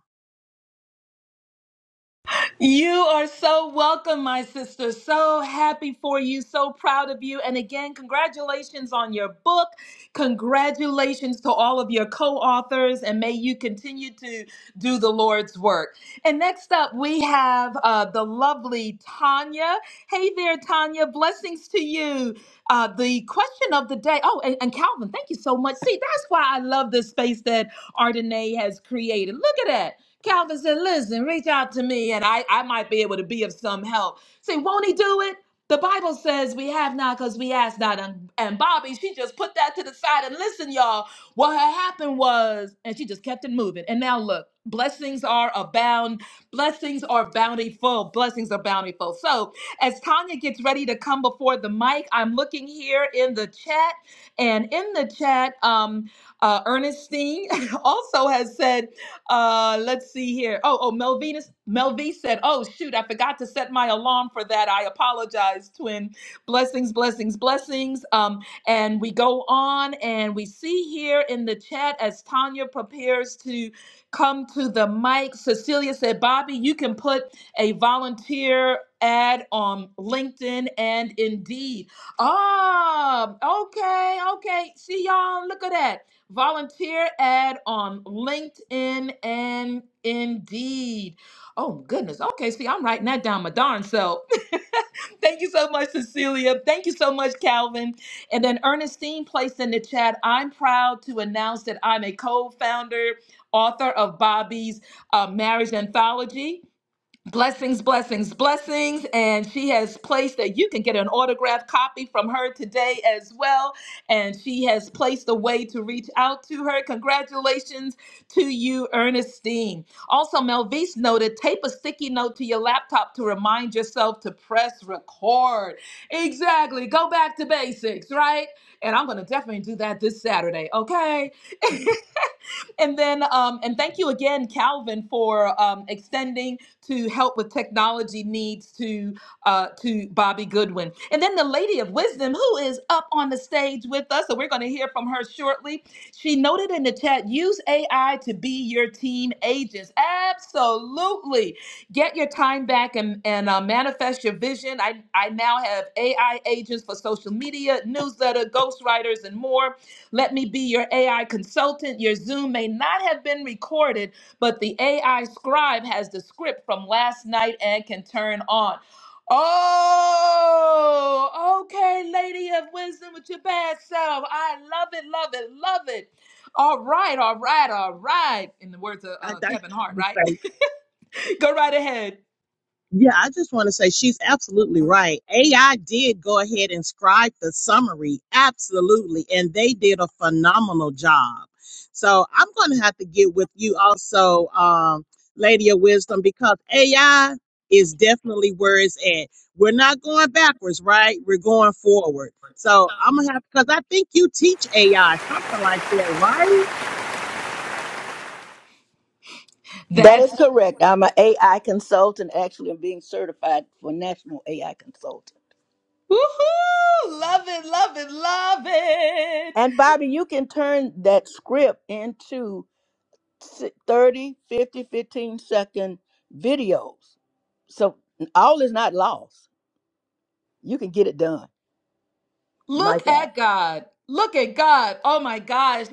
[SPEAKER 1] You are so welcome, my sister. So happy for you. So proud of you. And again, congratulations on your book. Congratulations to all of your co authors. And may you continue to do the Lord's work. And next up, we have uh, the lovely Tanya. Hey there, Tanya. Blessings to you. Uh, the question of the day. Oh, and, and Calvin, thank you so much. See, that's why I love this space that Ardenae has created. Look at that. Calvin said, listen, reach out to me and I, I might be able to be of some help. See, won't he do it? The Bible says we have not because we ask not. And, and Bobby, she just put that to the side and listen, y'all. What had happened was, and she just kept it moving. And now look, blessings are abound. Blessings are bountiful. Blessings are bountiful. So as Tanya gets ready to come before the mic, I'm looking here in the chat. And in the chat, um, uh, Ernestine also has said, uh, let's see here. Oh, oh, Melvinus, Melv said, "Oh shoot, I forgot to set my alarm for that. I apologize, twin. Blessings, blessings, blessings." Um, and we go on, and we see here in the chat as Tanya prepares to come to the mic. Cecilia said, "Bobby, you can put a volunteer." Ad on LinkedIn and Indeed. Ah, okay, okay. See y'all. Look at that volunteer ad on LinkedIn and Indeed. Oh goodness. Okay, see, I'm writing that down my darn self. Thank you so much, Cecilia. Thank you so much, Calvin. And then Ernestine placed in the chat. I'm proud to announce that I'm a co-founder, author of Bobby's uh, Marriage Anthology. Blessings, blessings, blessings. And she has placed that you can get an autographed copy from her today as well. And she has placed a way to reach out to her. Congratulations to you, Ernestine. Also, Melvise noted tape a sticky note to your laptop to remind yourself to press record. Exactly. Go back to basics, right? And I'm going to definitely do that this Saturday, okay? and then, um, and thank you again, Calvin, for um, extending to help with technology needs to uh, to Bobby Goodwin. And then the Lady of Wisdom, who is up on the stage with us, so we're going to hear from her shortly. She noted in the chat, use AI to be your team agents. Absolutely. Get your time back and, and uh, manifest your vision. I, I now have AI agents for social media, newsletter, ghostwriters, and more. Let me be your AI consultant. Your Zoom may not have been recorded, but the AI scribe has the script from last night and can turn on. Oh, okay, lady of wisdom with your bad self. I love it, love it, love it. All right, all right, all right. In the words of
[SPEAKER 6] I,
[SPEAKER 1] uh, Kevin Hart, right?
[SPEAKER 6] I,
[SPEAKER 1] Go right ahead.
[SPEAKER 6] Yeah, I just want to say she's absolutely right. AI did go ahead and scribe the summary, absolutely, and they did a phenomenal job. So I'm going to have to get with you also, um, Lady of Wisdom, because AI is definitely where it's at. We're not going backwards, right? We're going forward. So I'm gonna have because I think you teach AI something like that, right?
[SPEAKER 7] That
[SPEAKER 1] That's
[SPEAKER 7] is correct. I'm an AI consultant. Actually, I'm being certified for National AI Consultant.
[SPEAKER 1] woohoo! Love it, love it, love it.
[SPEAKER 7] And Bobby, you can turn that script into s- 30, fifty, fifteen second videos. So all is not lost. You can get it done. Mike
[SPEAKER 1] Look
[SPEAKER 7] out.
[SPEAKER 1] at God. Look at God. Oh my gosh.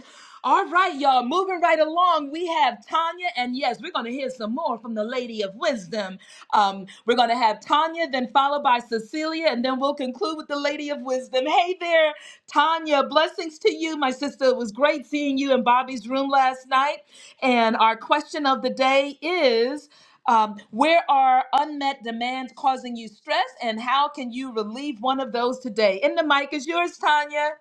[SPEAKER 1] All right, y'all, moving right along. We have Tanya, and yes, we're going to hear some more from the Lady of Wisdom. Um, we're going to have Tanya, then followed by Cecilia, and then we'll conclude with the Lady of Wisdom. Hey there, Tanya, blessings to you, my sister. It was great seeing you in Bobby's room last night. And our question of the day is um, where are unmet demands causing you stress, and how can you relieve one of those today? In the mic is yours, Tanya.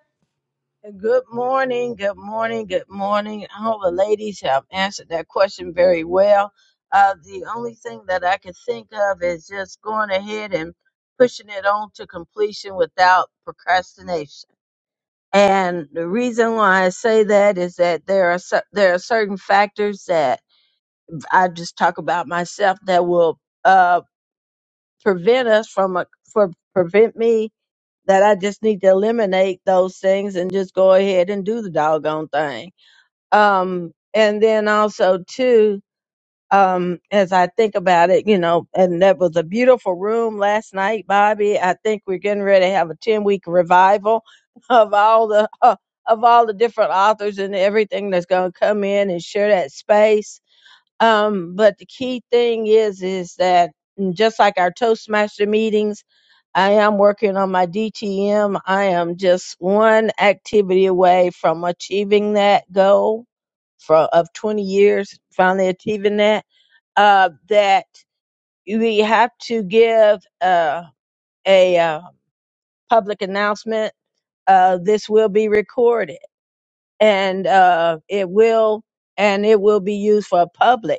[SPEAKER 8] Good morning, good morning, good morning. I hope the ladies have answered that question very well. Uh, the only thing that I could think of is just going ahead and pushing it on to completion without procrastination. And the reason why I say that is that there are cer- there are certain factors that I just talk about myself that will uh, prevent us from a, for prevent me that I just need to eliminate those things and just go ahead and do the doggone thing um and then also too um as i think about it you know and that was a beautiful room last night bobby i think we're getting ready to have a 10 week revival of all the uh, of all the different authors and everything that's going to come in and share that space um, but the key thing is, is that mm, just like our Toastmaster meetings, I am working on my DTM. I am just one activity away from achieving that goal for of 20 years, finally achieving that. Uh, that we have to give uh, a uh, public announcement. Uh, this will be recorded, and uh, it will and it will be used for public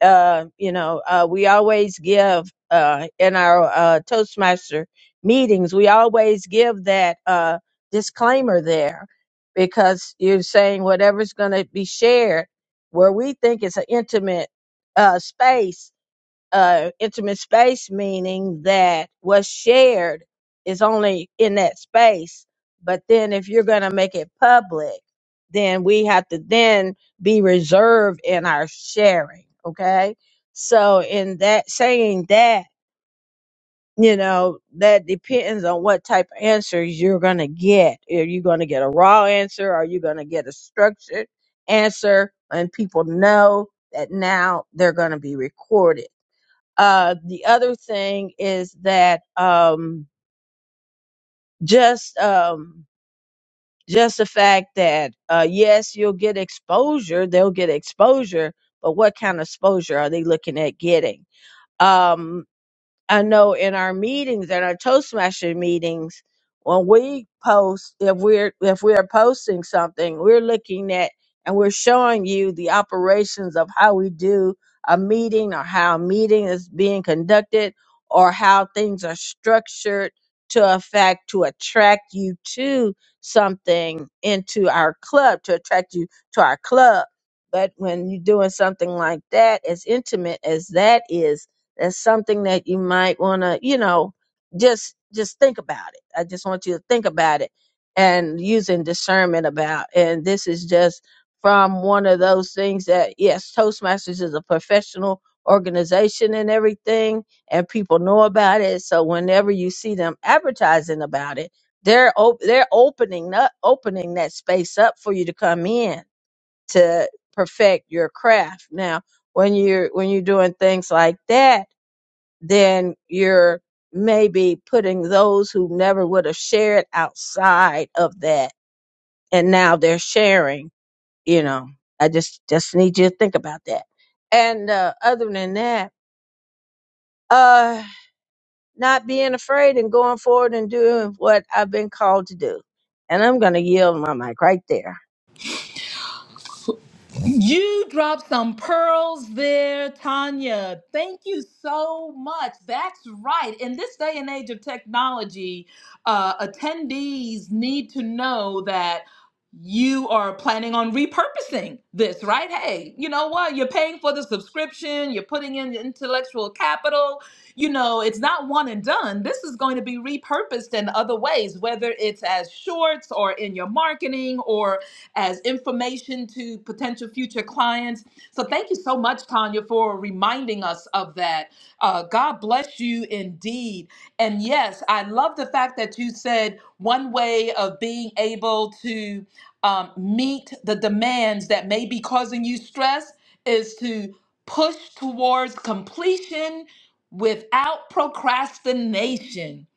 [SPEAKER 8] uh, you know, uh, we always give uh, in our uh, Toastmaster meetings, we always give that uh, disclaimer there because you're saying whatever's going to be shared, where we think it's an intimate uh, space, uh, intimate space, meaning that what's shared is only in that space. But then if you're going to make it public, then we have to then be reserved in our sharing. Okay. So in that saying that, you know, that depends on what type of answers you're going to get. Are you going to get a raw answer? Are you going to get a structured answer? And people know that now they're going to be recorded uh, the other thing is that um, just um, just the fact that uh, yes, you'll get exposure. They'll get exposure, but what kind of exposure are they looking at getting? Um, I know in our meetings, in our Toastmaster meetings, when we post, if we're if we are posting something, we're looking at and we're showing you the operations of how we do a meeting or how a meeting is being conducted or how things are structured to affect to attract you to something into our club, to attract you to our club. But when you're doing something like that, as intimate as that is, that's something that you might want to, you know, just just think about it. I just want you to think about it and using discernment about. And this is just from one of those things that yes, Toastmasters is a professional organization and everything, and people know about it. So whenever you see them advertising about it, they're op- they're opening up opening that space up for you to come in to perfect your craft. Now, when you're when you're doing things like that then you're maybe putting those who never would have shared outside of that and now they're sharing you know i just just need you to think about that and uh, other than that uh not being afraid and going forward and doing what i've been called to do and i'm gonna yield my mic right there
[SPEAKER 1] You dropped some pearls there, Tanya. Thank you so much. That's right. In this day and age of technology, uh, attendees need to know that you are planning on repurposing this, right? Hey, you know what? You're paying for the subscription, you're putting in intellectual capital. You know, it's not one and done. This is going to be repurposed in other ways, whether it's as shorts or in your marketing or as information to potential future clients. So thank you so much, Tanya, for reminding us of that. Uh, God bless you indeed. And yes, I love the fact that you said one way of being able to um, meet the demands that may be causing you stress is to push towards completion without procrastination.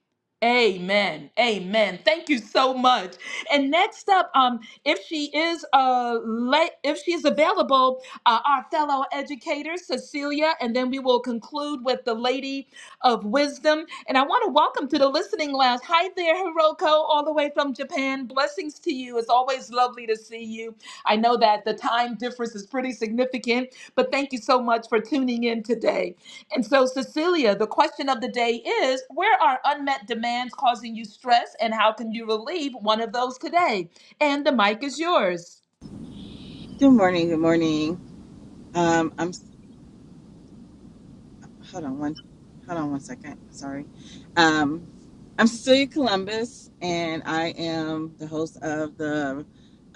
[SPEAKER 1] Amen. Amen. Thank you so much. And next up, um, if she is uh, late, if she's available, uh, our fellow educator Cecilia, and then we will conclude with the Lady of Wisdom. And I want to welcome to the listening lounge. Hi there, Hiroko, all the way from Japan. Blessings to you. It's always lovely to see you. I know that the time difference is pretty significant, but thank you so much for tuning in today. And so, Cecilia, the question of the day is where are unmet demands causing you stress, and how can you relieve one of those today? And the mic is yours.
[SPEAKER 9] Good morning. Good morning. Um, I'm hold on one, hold on one second. Sorry. Um, I'm Cecilia Columbus, and I am the host of the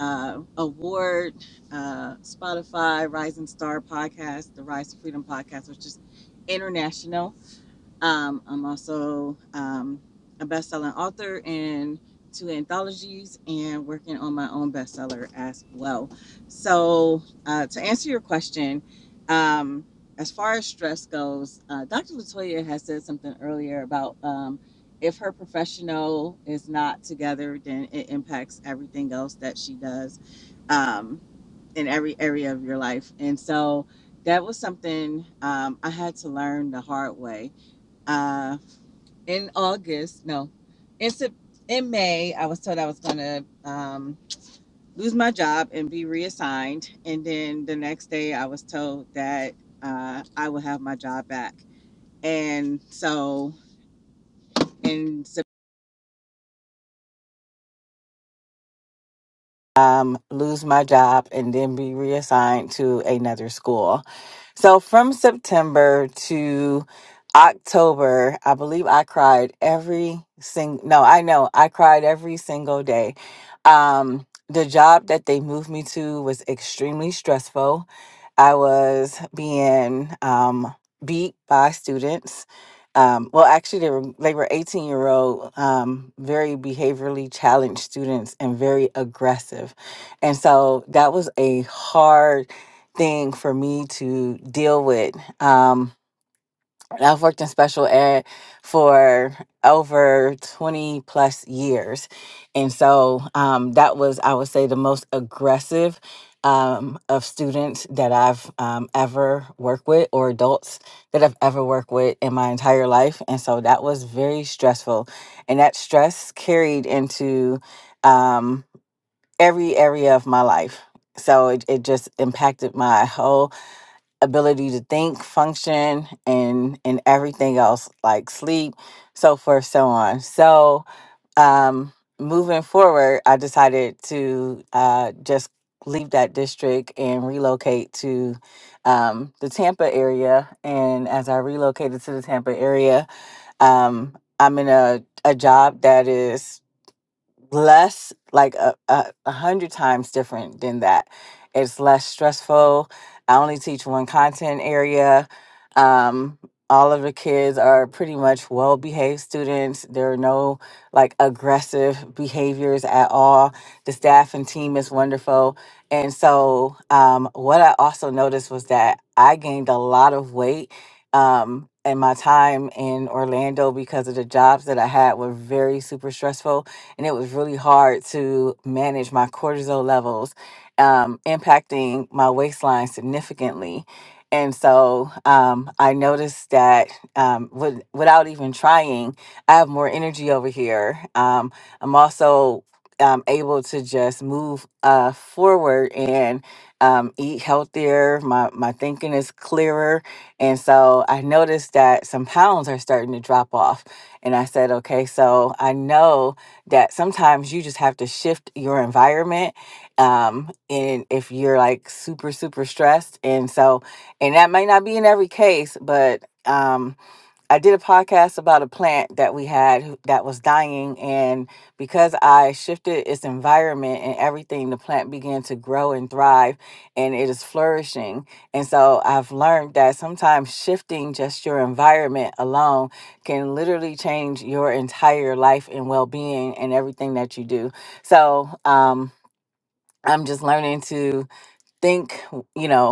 [SPEAKER 9] uh, award uh, Spotify Rising Star podcast, the Rise to Freedom podcast, which is international. Um, I'm also um, a best-selling author in two anthologies, and working on my own bestseller as well. So, uh, to answer your question, um, as far as stress goes, uh, Dr. Latoya has said something earlier about um, if her professional is not together, then it impacts everything else that she does um, in every area of your life, and so. That was something um, I had to learn the hard way uh, in August, no, in in May, I was told I was gonna um, lose my job and be reassigned, and then the next day I was told that uh, I would have my job back. And so in September, um, lose my job and then be reassigned to another school. So from September to October, I believe I cried every single, no, I know I cried every single day. Um, the job that they moved me to was extremely stressful. I was being um, beat by students. Um, well, actually, they were they were eighteen year old, um, very behaviorally challenged students and very aggressive, and so that was a hard thing for me to deal with. Um, I've worked in special ed for over 20 plus years. And so um, that was, I would say, the most aggressive um, of students that I've um, ever worked with or adults that I've ever worked with in my entire life. And so that was very stressful. And that stress carried into um, every area of my life. So it, it just impacted my whole ability to think, function, and and everything else like sleep, so forth, so on. So, um, moving forward, I decided to uh, just leave that district and relocate to um, the Tampa area. And as I relocated to the Tampa area, um, I'm in a, a job that is less like a, a, a hundred times different than that it's less stressful i only teach one content area um, all of the kids are pretty much well behaved students there are no like aggressive behaviors at all the staff and team is wonderful and so um, what i also noticed was that i gained a lot of weight um, and my time in orlando because of the jobs that i had were very super stressful and it was really hard to manage my cortisol levels, um, impacting my waistline significantly. And so um, I noticed that um, with, without even trying, I have more energy over here. Um, I'm also um, able to just move uh, forward and um, eat healthier. My, my thinking is clearer. And so I noticed that some pounds are starting to drop off. And I said, okay, so I know that sometimes you just have to shift your environment um and if you're like super super stressed and so and that might not be in every case but um I did a podcast about a plant that we had who- that was dying. And because I shifted its environment and everything, the plant began to grow and thrive and it is flourishing. And so I've learned that sometimes shifting just your environment alone can literally change your entire life and well being and everything that you do. So, um, I'm just learning to think, you know,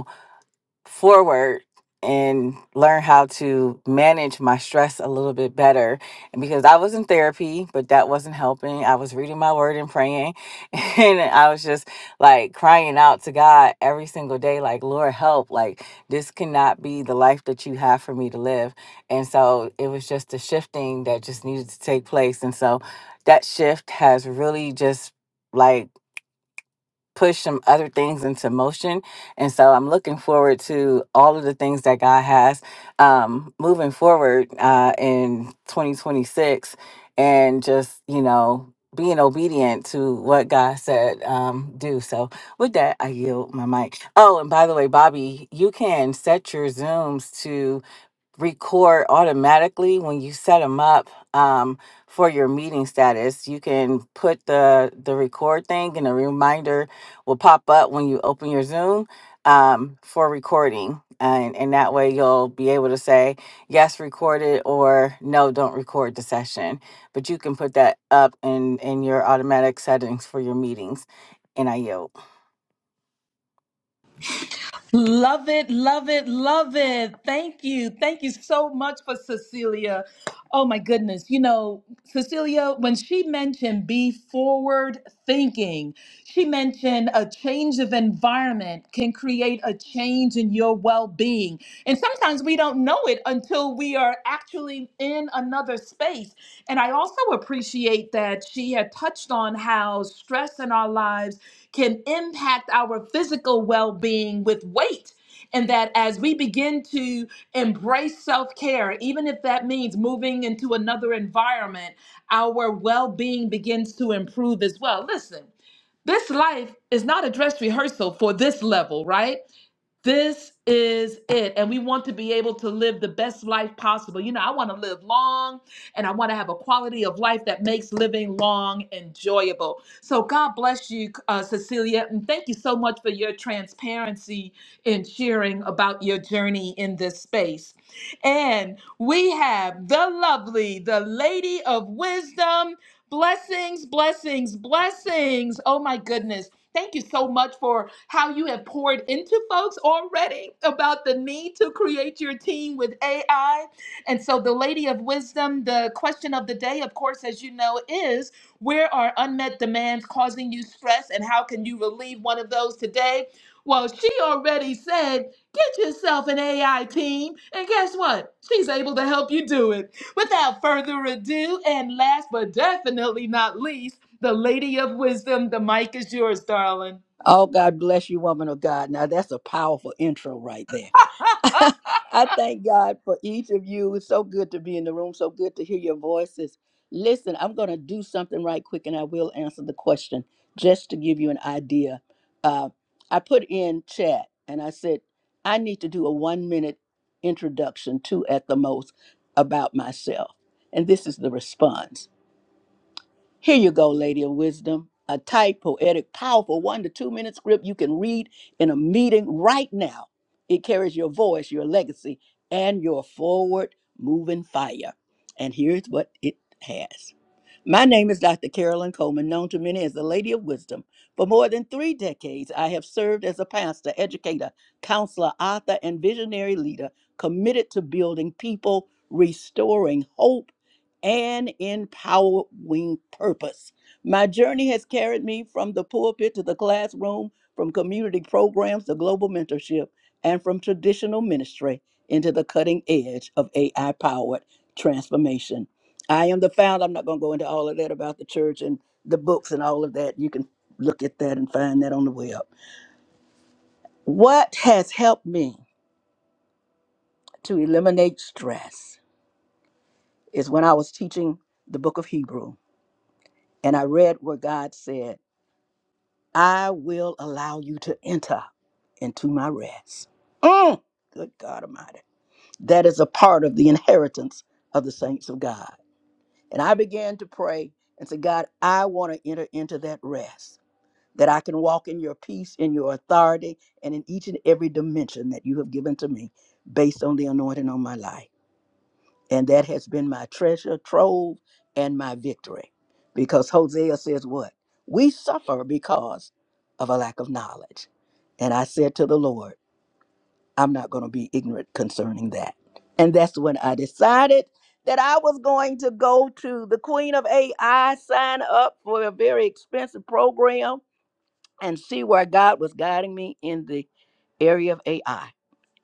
[SPEAKER 9] forward and learn how to manage my stress a little bit better and because I was in therapy but that wasn't helping I was reading my word and praying and I was just like crying out to God every single day like Lord help like this cannot be the life that you have for me to live and so it was just a shifting that just needed to take place and so that shift has really just like push some other things into motion. And so I'm looking forward to all of the things that God has um, moving forward uh, in 2026 and just, you know, being obedient to what God said um, do. So with that, I yield my mic. Oh, and by the way, Bobby, you can set your Zooms record automatically when you set them up um, for your meeting status. You can put the the record thing, and a reminder will pop up when you open your Zoom um, for recording, and and that way you'll be able to say yes, record it, or no, don't record the session. But you can put that up in in your automatic settings for your meetings. And I yield.
[SPEAKER 1] Love it, love it, love it. Thank you. Thank you so much for Cecilia. Oh my goodness. You know, Cecilia, when she mentioned be forward thinking, she mentioned a change of environment can create a change in your well being. And sometimes we don't know it until we are actually in another space. And I also appreciate that she had touched on how stress in our lives can impact our physical well being with weight. And that as we begin to embrace self care, even if that means moving into another environment, our well being begins to improve as well. Listen, this life is not a dress rehearsal for this level, right? This is it. And we want to be able to live the best life possible. You know, I want to live long and I want to have a quality of life that makes living long enjoyable. So, God bless you, uh, Cecilia. And thank you so much for your transparency in sharing about your journey in this space. And we have the lovely, the lady of wisdom. Blessings, blessings, blessings. Oh, my goodness. Thank you so much for how you have poured into folks already about the need to create your team with AI. And so, the Lady of Wisdom, the question of the day, of course, as you know, is where are unmet demands causing you stress and how can you relieve one of those today? Well, she already said, get yourself an AI team. And guess what? She's able to help you do it. Without further ado, and last but definitely not least, the Lady of Wisdom, the mic is yours, darling.
[SPEAKER 7] Oh, God bless you, woman of God. Now, that's a powerful intro right there. I thank God for each of you. It's so good to be in the room, so good to hear your voices. Listen, I'm going to do something right quick and I will answer the question just to give you an idea. Uh, I put in chat and I said, I need to do a one minute introduction, two at the most, about myself. And this is the response. Here you go, Lady of Wisdom. A tight, poetic, powerful one to two minute script you can read in a meeting right now. It carries your voice, your legacy, and your forward moving fire. And here's what it has. My name is Dr. Carolyn Coleman, known to many as the Lady of Wisdom. For more than three decades, I have served as a pastor, educator, counselor, author, and visionary leader committed to building people, restoring hope, and empowering purpose. My journey has carried me from the pulpit to the classroom, from community programs to global mentorship, and from traditional ministry into the cutting edge of AI powered transformation. I am the founder. I'm not going to go into all of that about the church and the books and all of that. You can look at that and find that on the web. What has helped me to eliminate stress is when I was teaching the book of Hebrew and I read where God said, I will allow you to enter into my rest. Mm, good God Almighty. That is a part of the inheritance of the saints of God. And I began to pray and say, God, I want to enter into that rest. that I can walk in your peace, in your authority, and in each and every dimension that you have given to me based on the anointing on my life. And that has been my treasure, trove, and my victory. Because Hosea says, What? We suffer because of a lack of knowledge. And I said to the Lord, I'm not going to be ignorant concerning that. And that's when I decided that I was going to go to the Queen of AI, sign up for a very expensive program and see where God was guiding me in the area of AI.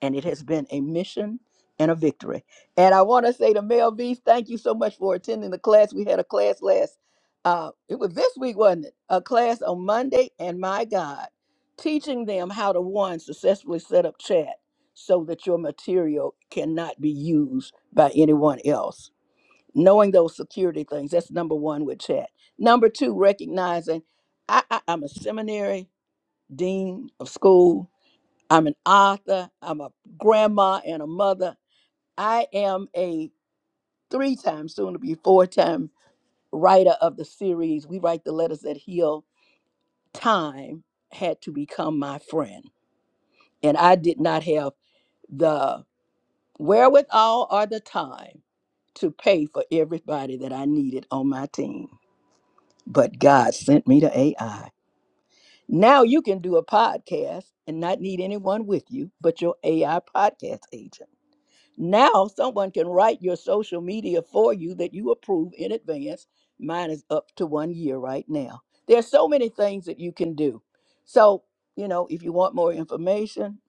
[SPEAKER 7] And it has been a mission and a victory. And I want to say to Mel V's, thank you so much for attending the class. We had a class last, uh, it was this week, wasn't it? A class on Monday. And my God, teaching them how to one, successfully set up chat so that your material cannot be used by anyone else. Knowing those security things, that's number one with chat. Number two, recognizing I, I, I'm a seminary dean of school. I'm an author. I'm a grandma and a mother. I am a three time, soon to be four time writer of the series. We write the letters that heal. Time had to become my friend. And I did not have the wherewithal or the time to pay for everybody that I needed on my team. But God sent me to AI. Now you can do a podcast and not need anyone with you but your AI podcast agent. Now someone can write your social media for you that you approve in advance. Mine is up to one year right now. There are so many things that you can do. So, you know, if you want more information,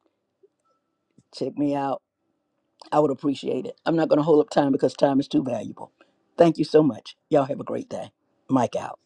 [SPEAKER 7] check me out. I would appreciate it. I'm not going to hold up time because time is too valuable. Thank you so much. Y'all have a great day. Mike out.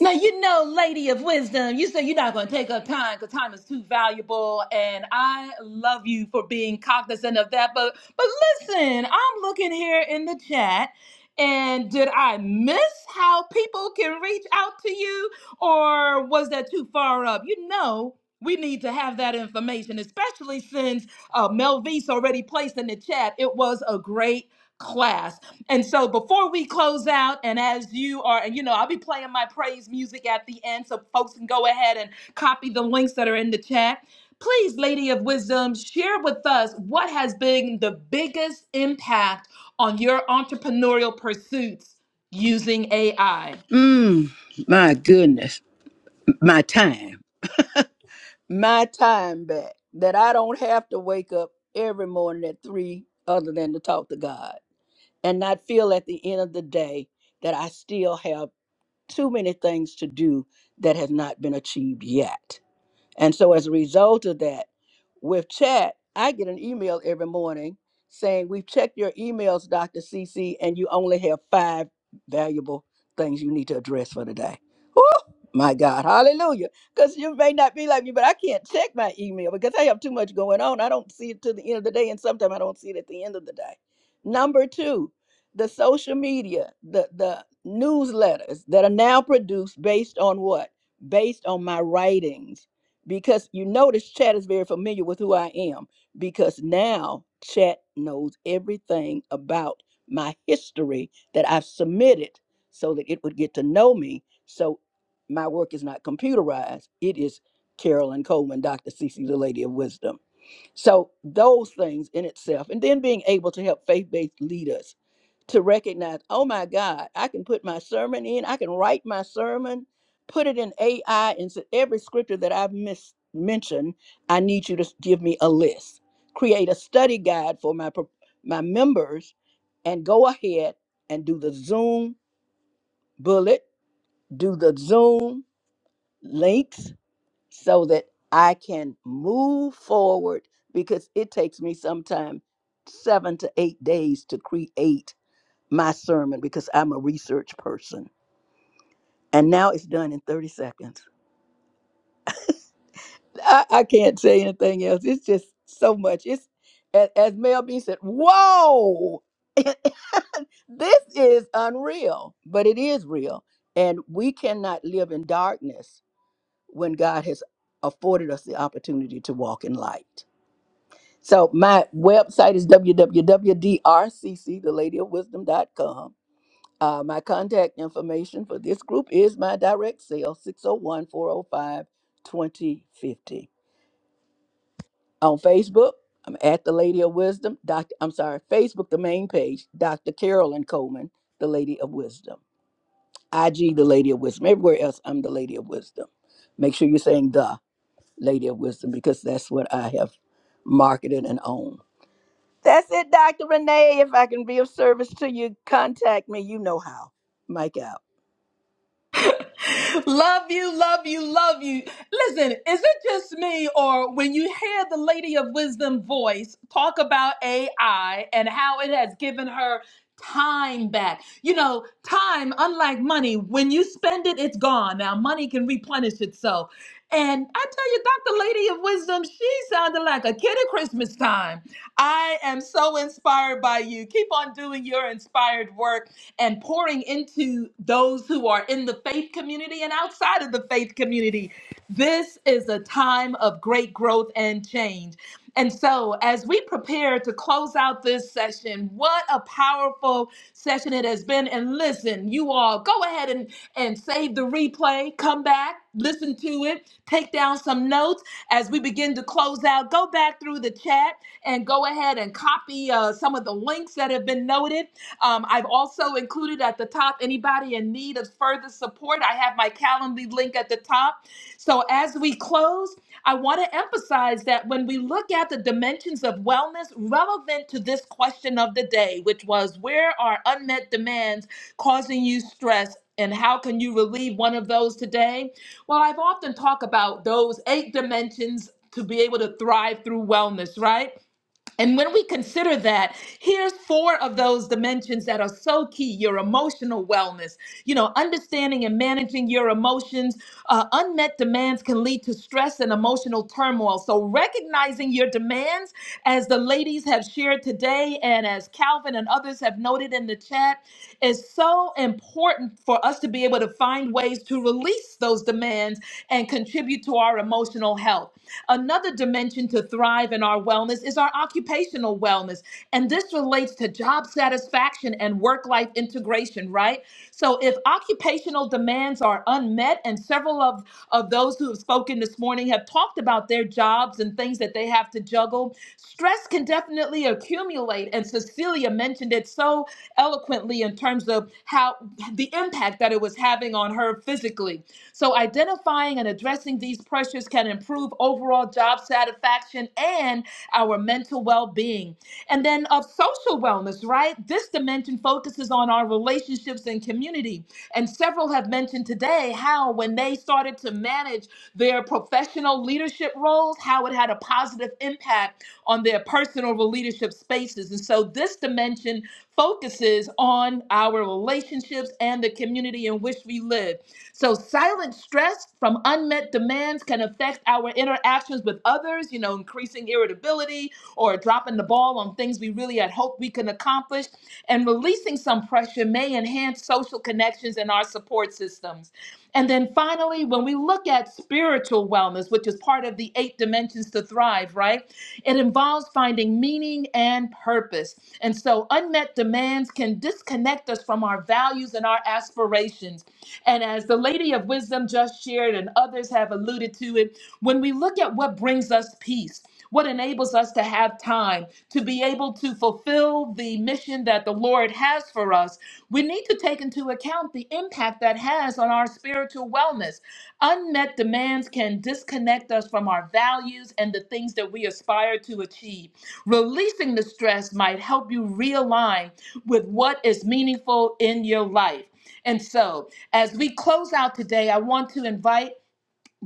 [SPEAKER 1] Now you know, lady of wisdom, you said you're not going to take up time because time is too valuable, and I love you for being cognizant of that. But but listen, I'm looking here in the chat, and did I miss how people can reach out to you, or was that too far up? You know. We need to have that information, especially since uh, Melvise already placed in the chat. It was a great class. And so before we close out, and as you are, and you know, I'll be playing my praise music at the end so folks can go ahead and copy the links that are in the chat. Please, Lady of Wisdom, share with us what has been the biggest impact on your entrepreneurial pursuits using AI.
[SPEAKER 7] Mmm, my goodness. My time. My time back that I don't have to wake up every morning at three other than to talk to God. and not feel at the end of the day that I still have too many things to do that have not been achieved yet. And so as a result of that, with chat, I get an email every morning saying, We've checked your emails, Dr. CC, and you only have five valuable things you need to address for today. Oh my God, hallelujah. Because you may not be like me, but I can't check my email because I have too much going on. I don't see it to the end of the day, and sometimes I don't see it at the end of the day. Number two, the social media, the the newsletters that are now produced based on what? Based on my writings because you notice chat is very familiar with who I am because now chat knows everything about my history that I've submitted so that it would get to know me. So my work is not computerized. It is Carolyn Coleman, Dr. Cece, the Lady of Wisdom. So those things in itself, and then being able to help faith-based leaders to recognize, oh my God, I can put my sermon in, I can write my sermon, put it in AI, and so every scripture that I've mis- mentioned, I need you to s- give me a list. Create a study guide for my pro- my members, and go ahead and do the Zoom bullet, do the Zoom links, so that I can move forward because it takes me sometime seven to eight days to create my sermon because I'm a research person. And now it's done in 30 seconds. I, I can't say anything else. It's just so much. It's as, as Mel B said, whoa, this is unreal, but it is real. And we cannot live in darkness when God has afforded us the opportunity to walk in light. So my website is www.drcc, Uh, my contact information for this group is my direct sale, 601 405 2050 On Facebook, I'm at the Lady of Wisdom. Dr. I'm sorry, Facebook, the main page, Dr. Carolyn Coleman, the Lady of Wisdom. IG, the Lady of Wisdom. Everywhere else, I'm the Lady of Wisdom. Make sure you're saying the Lady of Wisdom because that's what I have marketed and owned. That's it, Dr. Renee. If I can be of service to you, contact me. You know how. Mike out.
[SPEAKER 1] love you, love you, love you. Listen, is it just me, or when you hear the Lady of Wisdom voice talk about AI and how it has given her time back? You know, time, unlike money, when you spend it, it's gone. Now, money can replenish itself. And I tell you, Dr. Lady of Wisdom, she sounded like a kid at Christmas time. I am so inspired by you. Keep on doing your inspired work and pouring into those who are in the faith community and outside of the faith community. This is a time of great growth and change. And so, as we prepare to close out this session, what a powerful session it has been. And listen, you all go ahead and, and save the replay, come back, listen to it, take down some notes as we begin to close out. Go back through the chat and go ahead and copy uh, some of the links that have been noted um, I've also included at the top anybody in need of further support. I have my Calendly link at the top. So as we close, I want to emphasize that when we look at the dimensions of wellness relevant to this question of the day, which was where are unmet demands causing you stress? And how can you relieve one of those today? Well, I've often talked about those eight dimensions to be able to thrive through wellness, right? And when we consider that, here's four of those dimensions that are so key your emotional wellness, you know, understanding and managing your emotions. Uh, unmet demands can lead to stress and emotional turmoil. So, recognizing your demands, as the ladies have shared today, and as Calvin and others have noted in the chat, is so important for us to be able to find ways to release those demands and contribute to our emotional health health. Another dimension to thrive in our wellness is our occupational wellness. And this relates to job satisfaction and work life integration, right? So, if occupational demands are unmet, and several of, of those who have spoken this morning have talked about their jobs and things that they have to juggle, stress can definitely accumulate. And Cecilia mentioned it so eloquently in terms of how the impact that it was having on her physically. So, identifying and addressing these pressures can improve overall job satisfaction and our mental well being. And then, of social wellness, right? This dimension focuses on our relationships and community. And several have mentioned today how, when they started to manage their professional leadership roles, how it had a positive impact on their personal leadership spaces. And so, this dimension focuses on our relationships and the community in which we live. So, silent stress from unmet demands can affect our interactions with others, you know, increasing irritability or dropping the ball on things we really had hoped we can accomplish. And releasing some pressure may enhance social connections and our support systems. And then finally, when we look at spiritual wellness, which is part of the eight dimensions to thrive, right? It involves finding meaning and purpose. And so unmet demands can disconnect us from our values and our aspirations. And as the Lady of Wisdom just shared and others have alluded to it, when we look at what brings us peace, what enables us to have time to be able to fulfill the mission that the Lord has for us, we need to take into account the impact that has on our spiritual wellness. Unmet demands can disconnect us from our values and the things that we aspire to achieve. Releasing the stress might help you realign with what is meaningful in your life. And so, as we close out today, I want to invite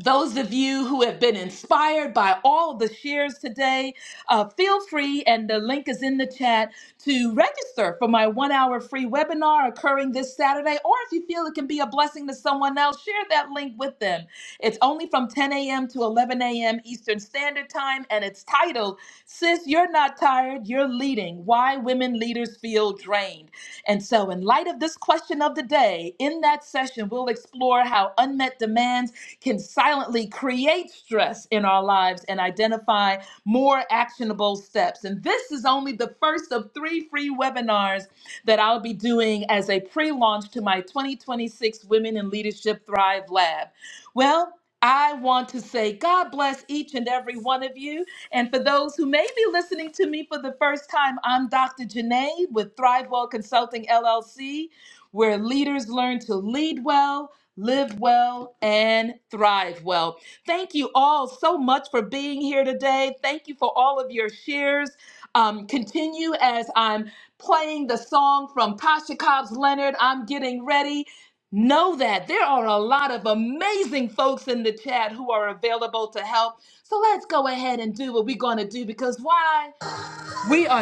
[SPEAKER 1] those of you who have been inspired by all the shares today, uh, feel free, and the link is in the chat, to register for my one hour free webinar occurring this Saturday. Or if you feel it can be a blessing to someone else, share that link with them. It's only from 10 a.m. to 11 a.m. Eastern Standard Time, and it's titled, Sis, You're Not Tired, You're Leading Why Women Leaders Feel Drained. And so, in light of this question of the day, in that session, we'll explore how unmet demands can silently create stress in our lives and identify more actionable steps. And this is only the first of three free webinars that I'll be doing as a pre launch to my 2026 Women in Leadership Thrive Lab. Well, I want to say God bless each and every one of you. And for those who may be listening to me for the first time, I'm Dr. Janae with ThriveWell Consulting LLC, where leaders learn to lead well live well, and thrive well. Thank you all so much for being here today. Thank you for all of your shares. Um, continue as I'm playing the song from Tasha Cobbs Leonard. I'm getting ready. Know that there are a lot of amazing folks in the chat who are available to help. So let's go ahead and do what we're going to do because why?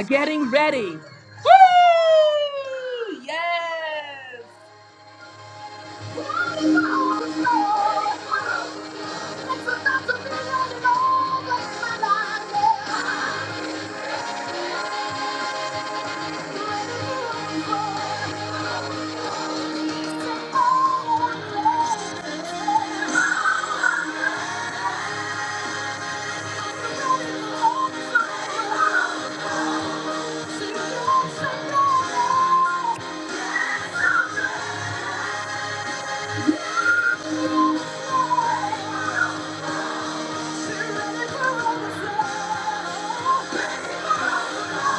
[SPEAKER 1] Getting ready. Woo! Yes! Thank you.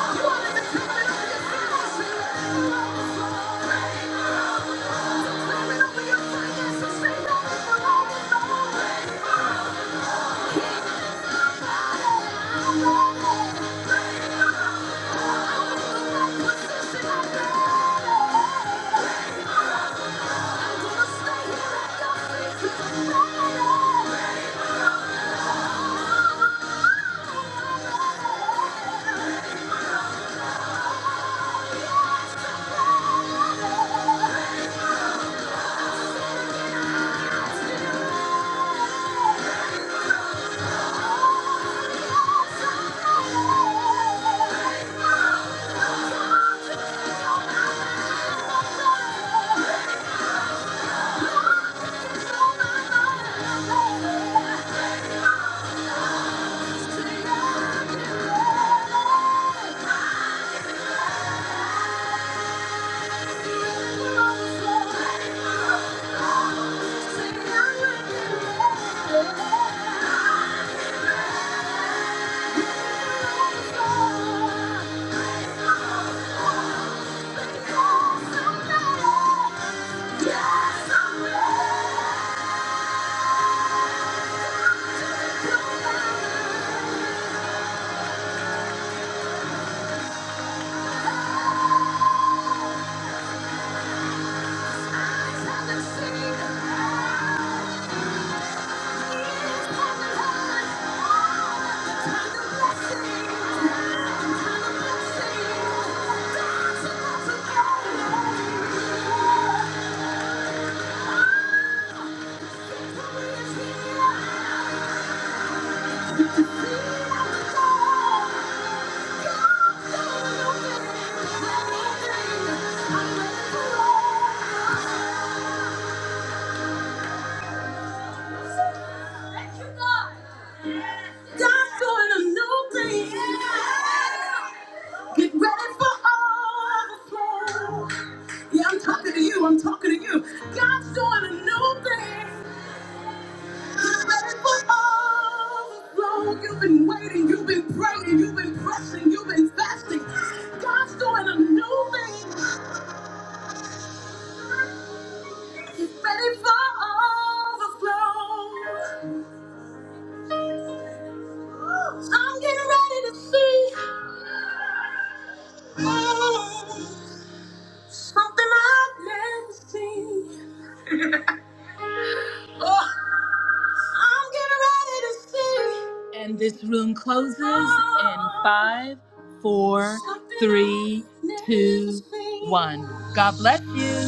[SPEAKER 1] Yeah. Yes, I'm ready. Eyes haven't seen. Thank you. God's doing a new thing. Get ready for overflow. Yeah, I'm talking to you. I'm talking to you. God's doing a new thing. Get ready for overflow. You've been waiting. You've been praying. You've been pressing. You've been fasting. God's doing a new thing. Get ready for overflow. So I'm getting ready to see oh, something I've never seen. Oh, I'm getting ready to see. And this room closes in five, four, three, two, one. God bless you.